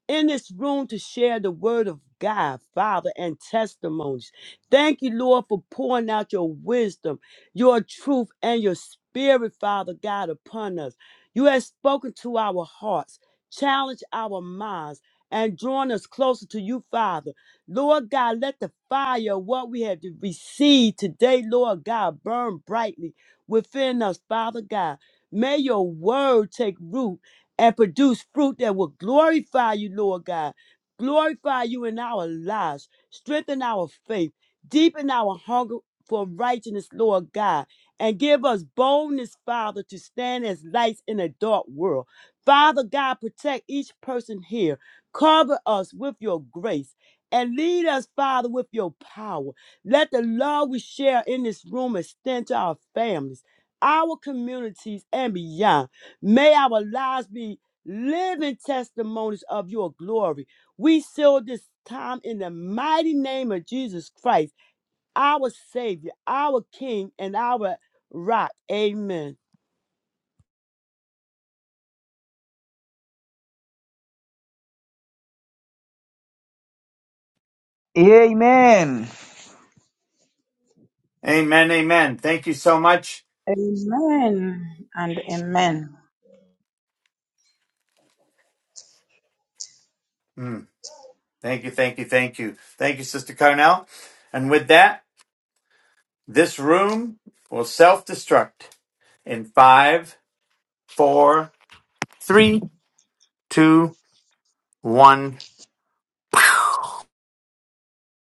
in this room to share the word of God, Father, and testimonies. Thank you, Lord, for pouring out your wisdom, your truth, and your spirit, Father God, upon us. You have spoken to our hearts, challenged our minds, and drawn us closer to you, Father. Lord God, let the fire of what we have received today, Lord God, burn brightly within us, Father God. May your word take root and produce fruit that will glorify you, Lord God. Glorify you in our lives, strengthen our faith, deepen our hunger for righteousness, Lord God, and give us boldness, Father, to stand as lights in a dark world. Father God, protect each person here. Cover us with your grace and lead us, Father, with your power. Let the love we share in this room extend to our families, our communities, and beyond. May our lives be living testimonies of your glory. We seal this time in the mighty name of Jesus Christ, our Savior, our King, and our Rock. Amen. Amen, amen. Thank you so much. Amen and amen. Mm, thank you, thank you, thank you. Thank you, Sister Carnell. And with that, this room will self destruct in five, four, three, two, one.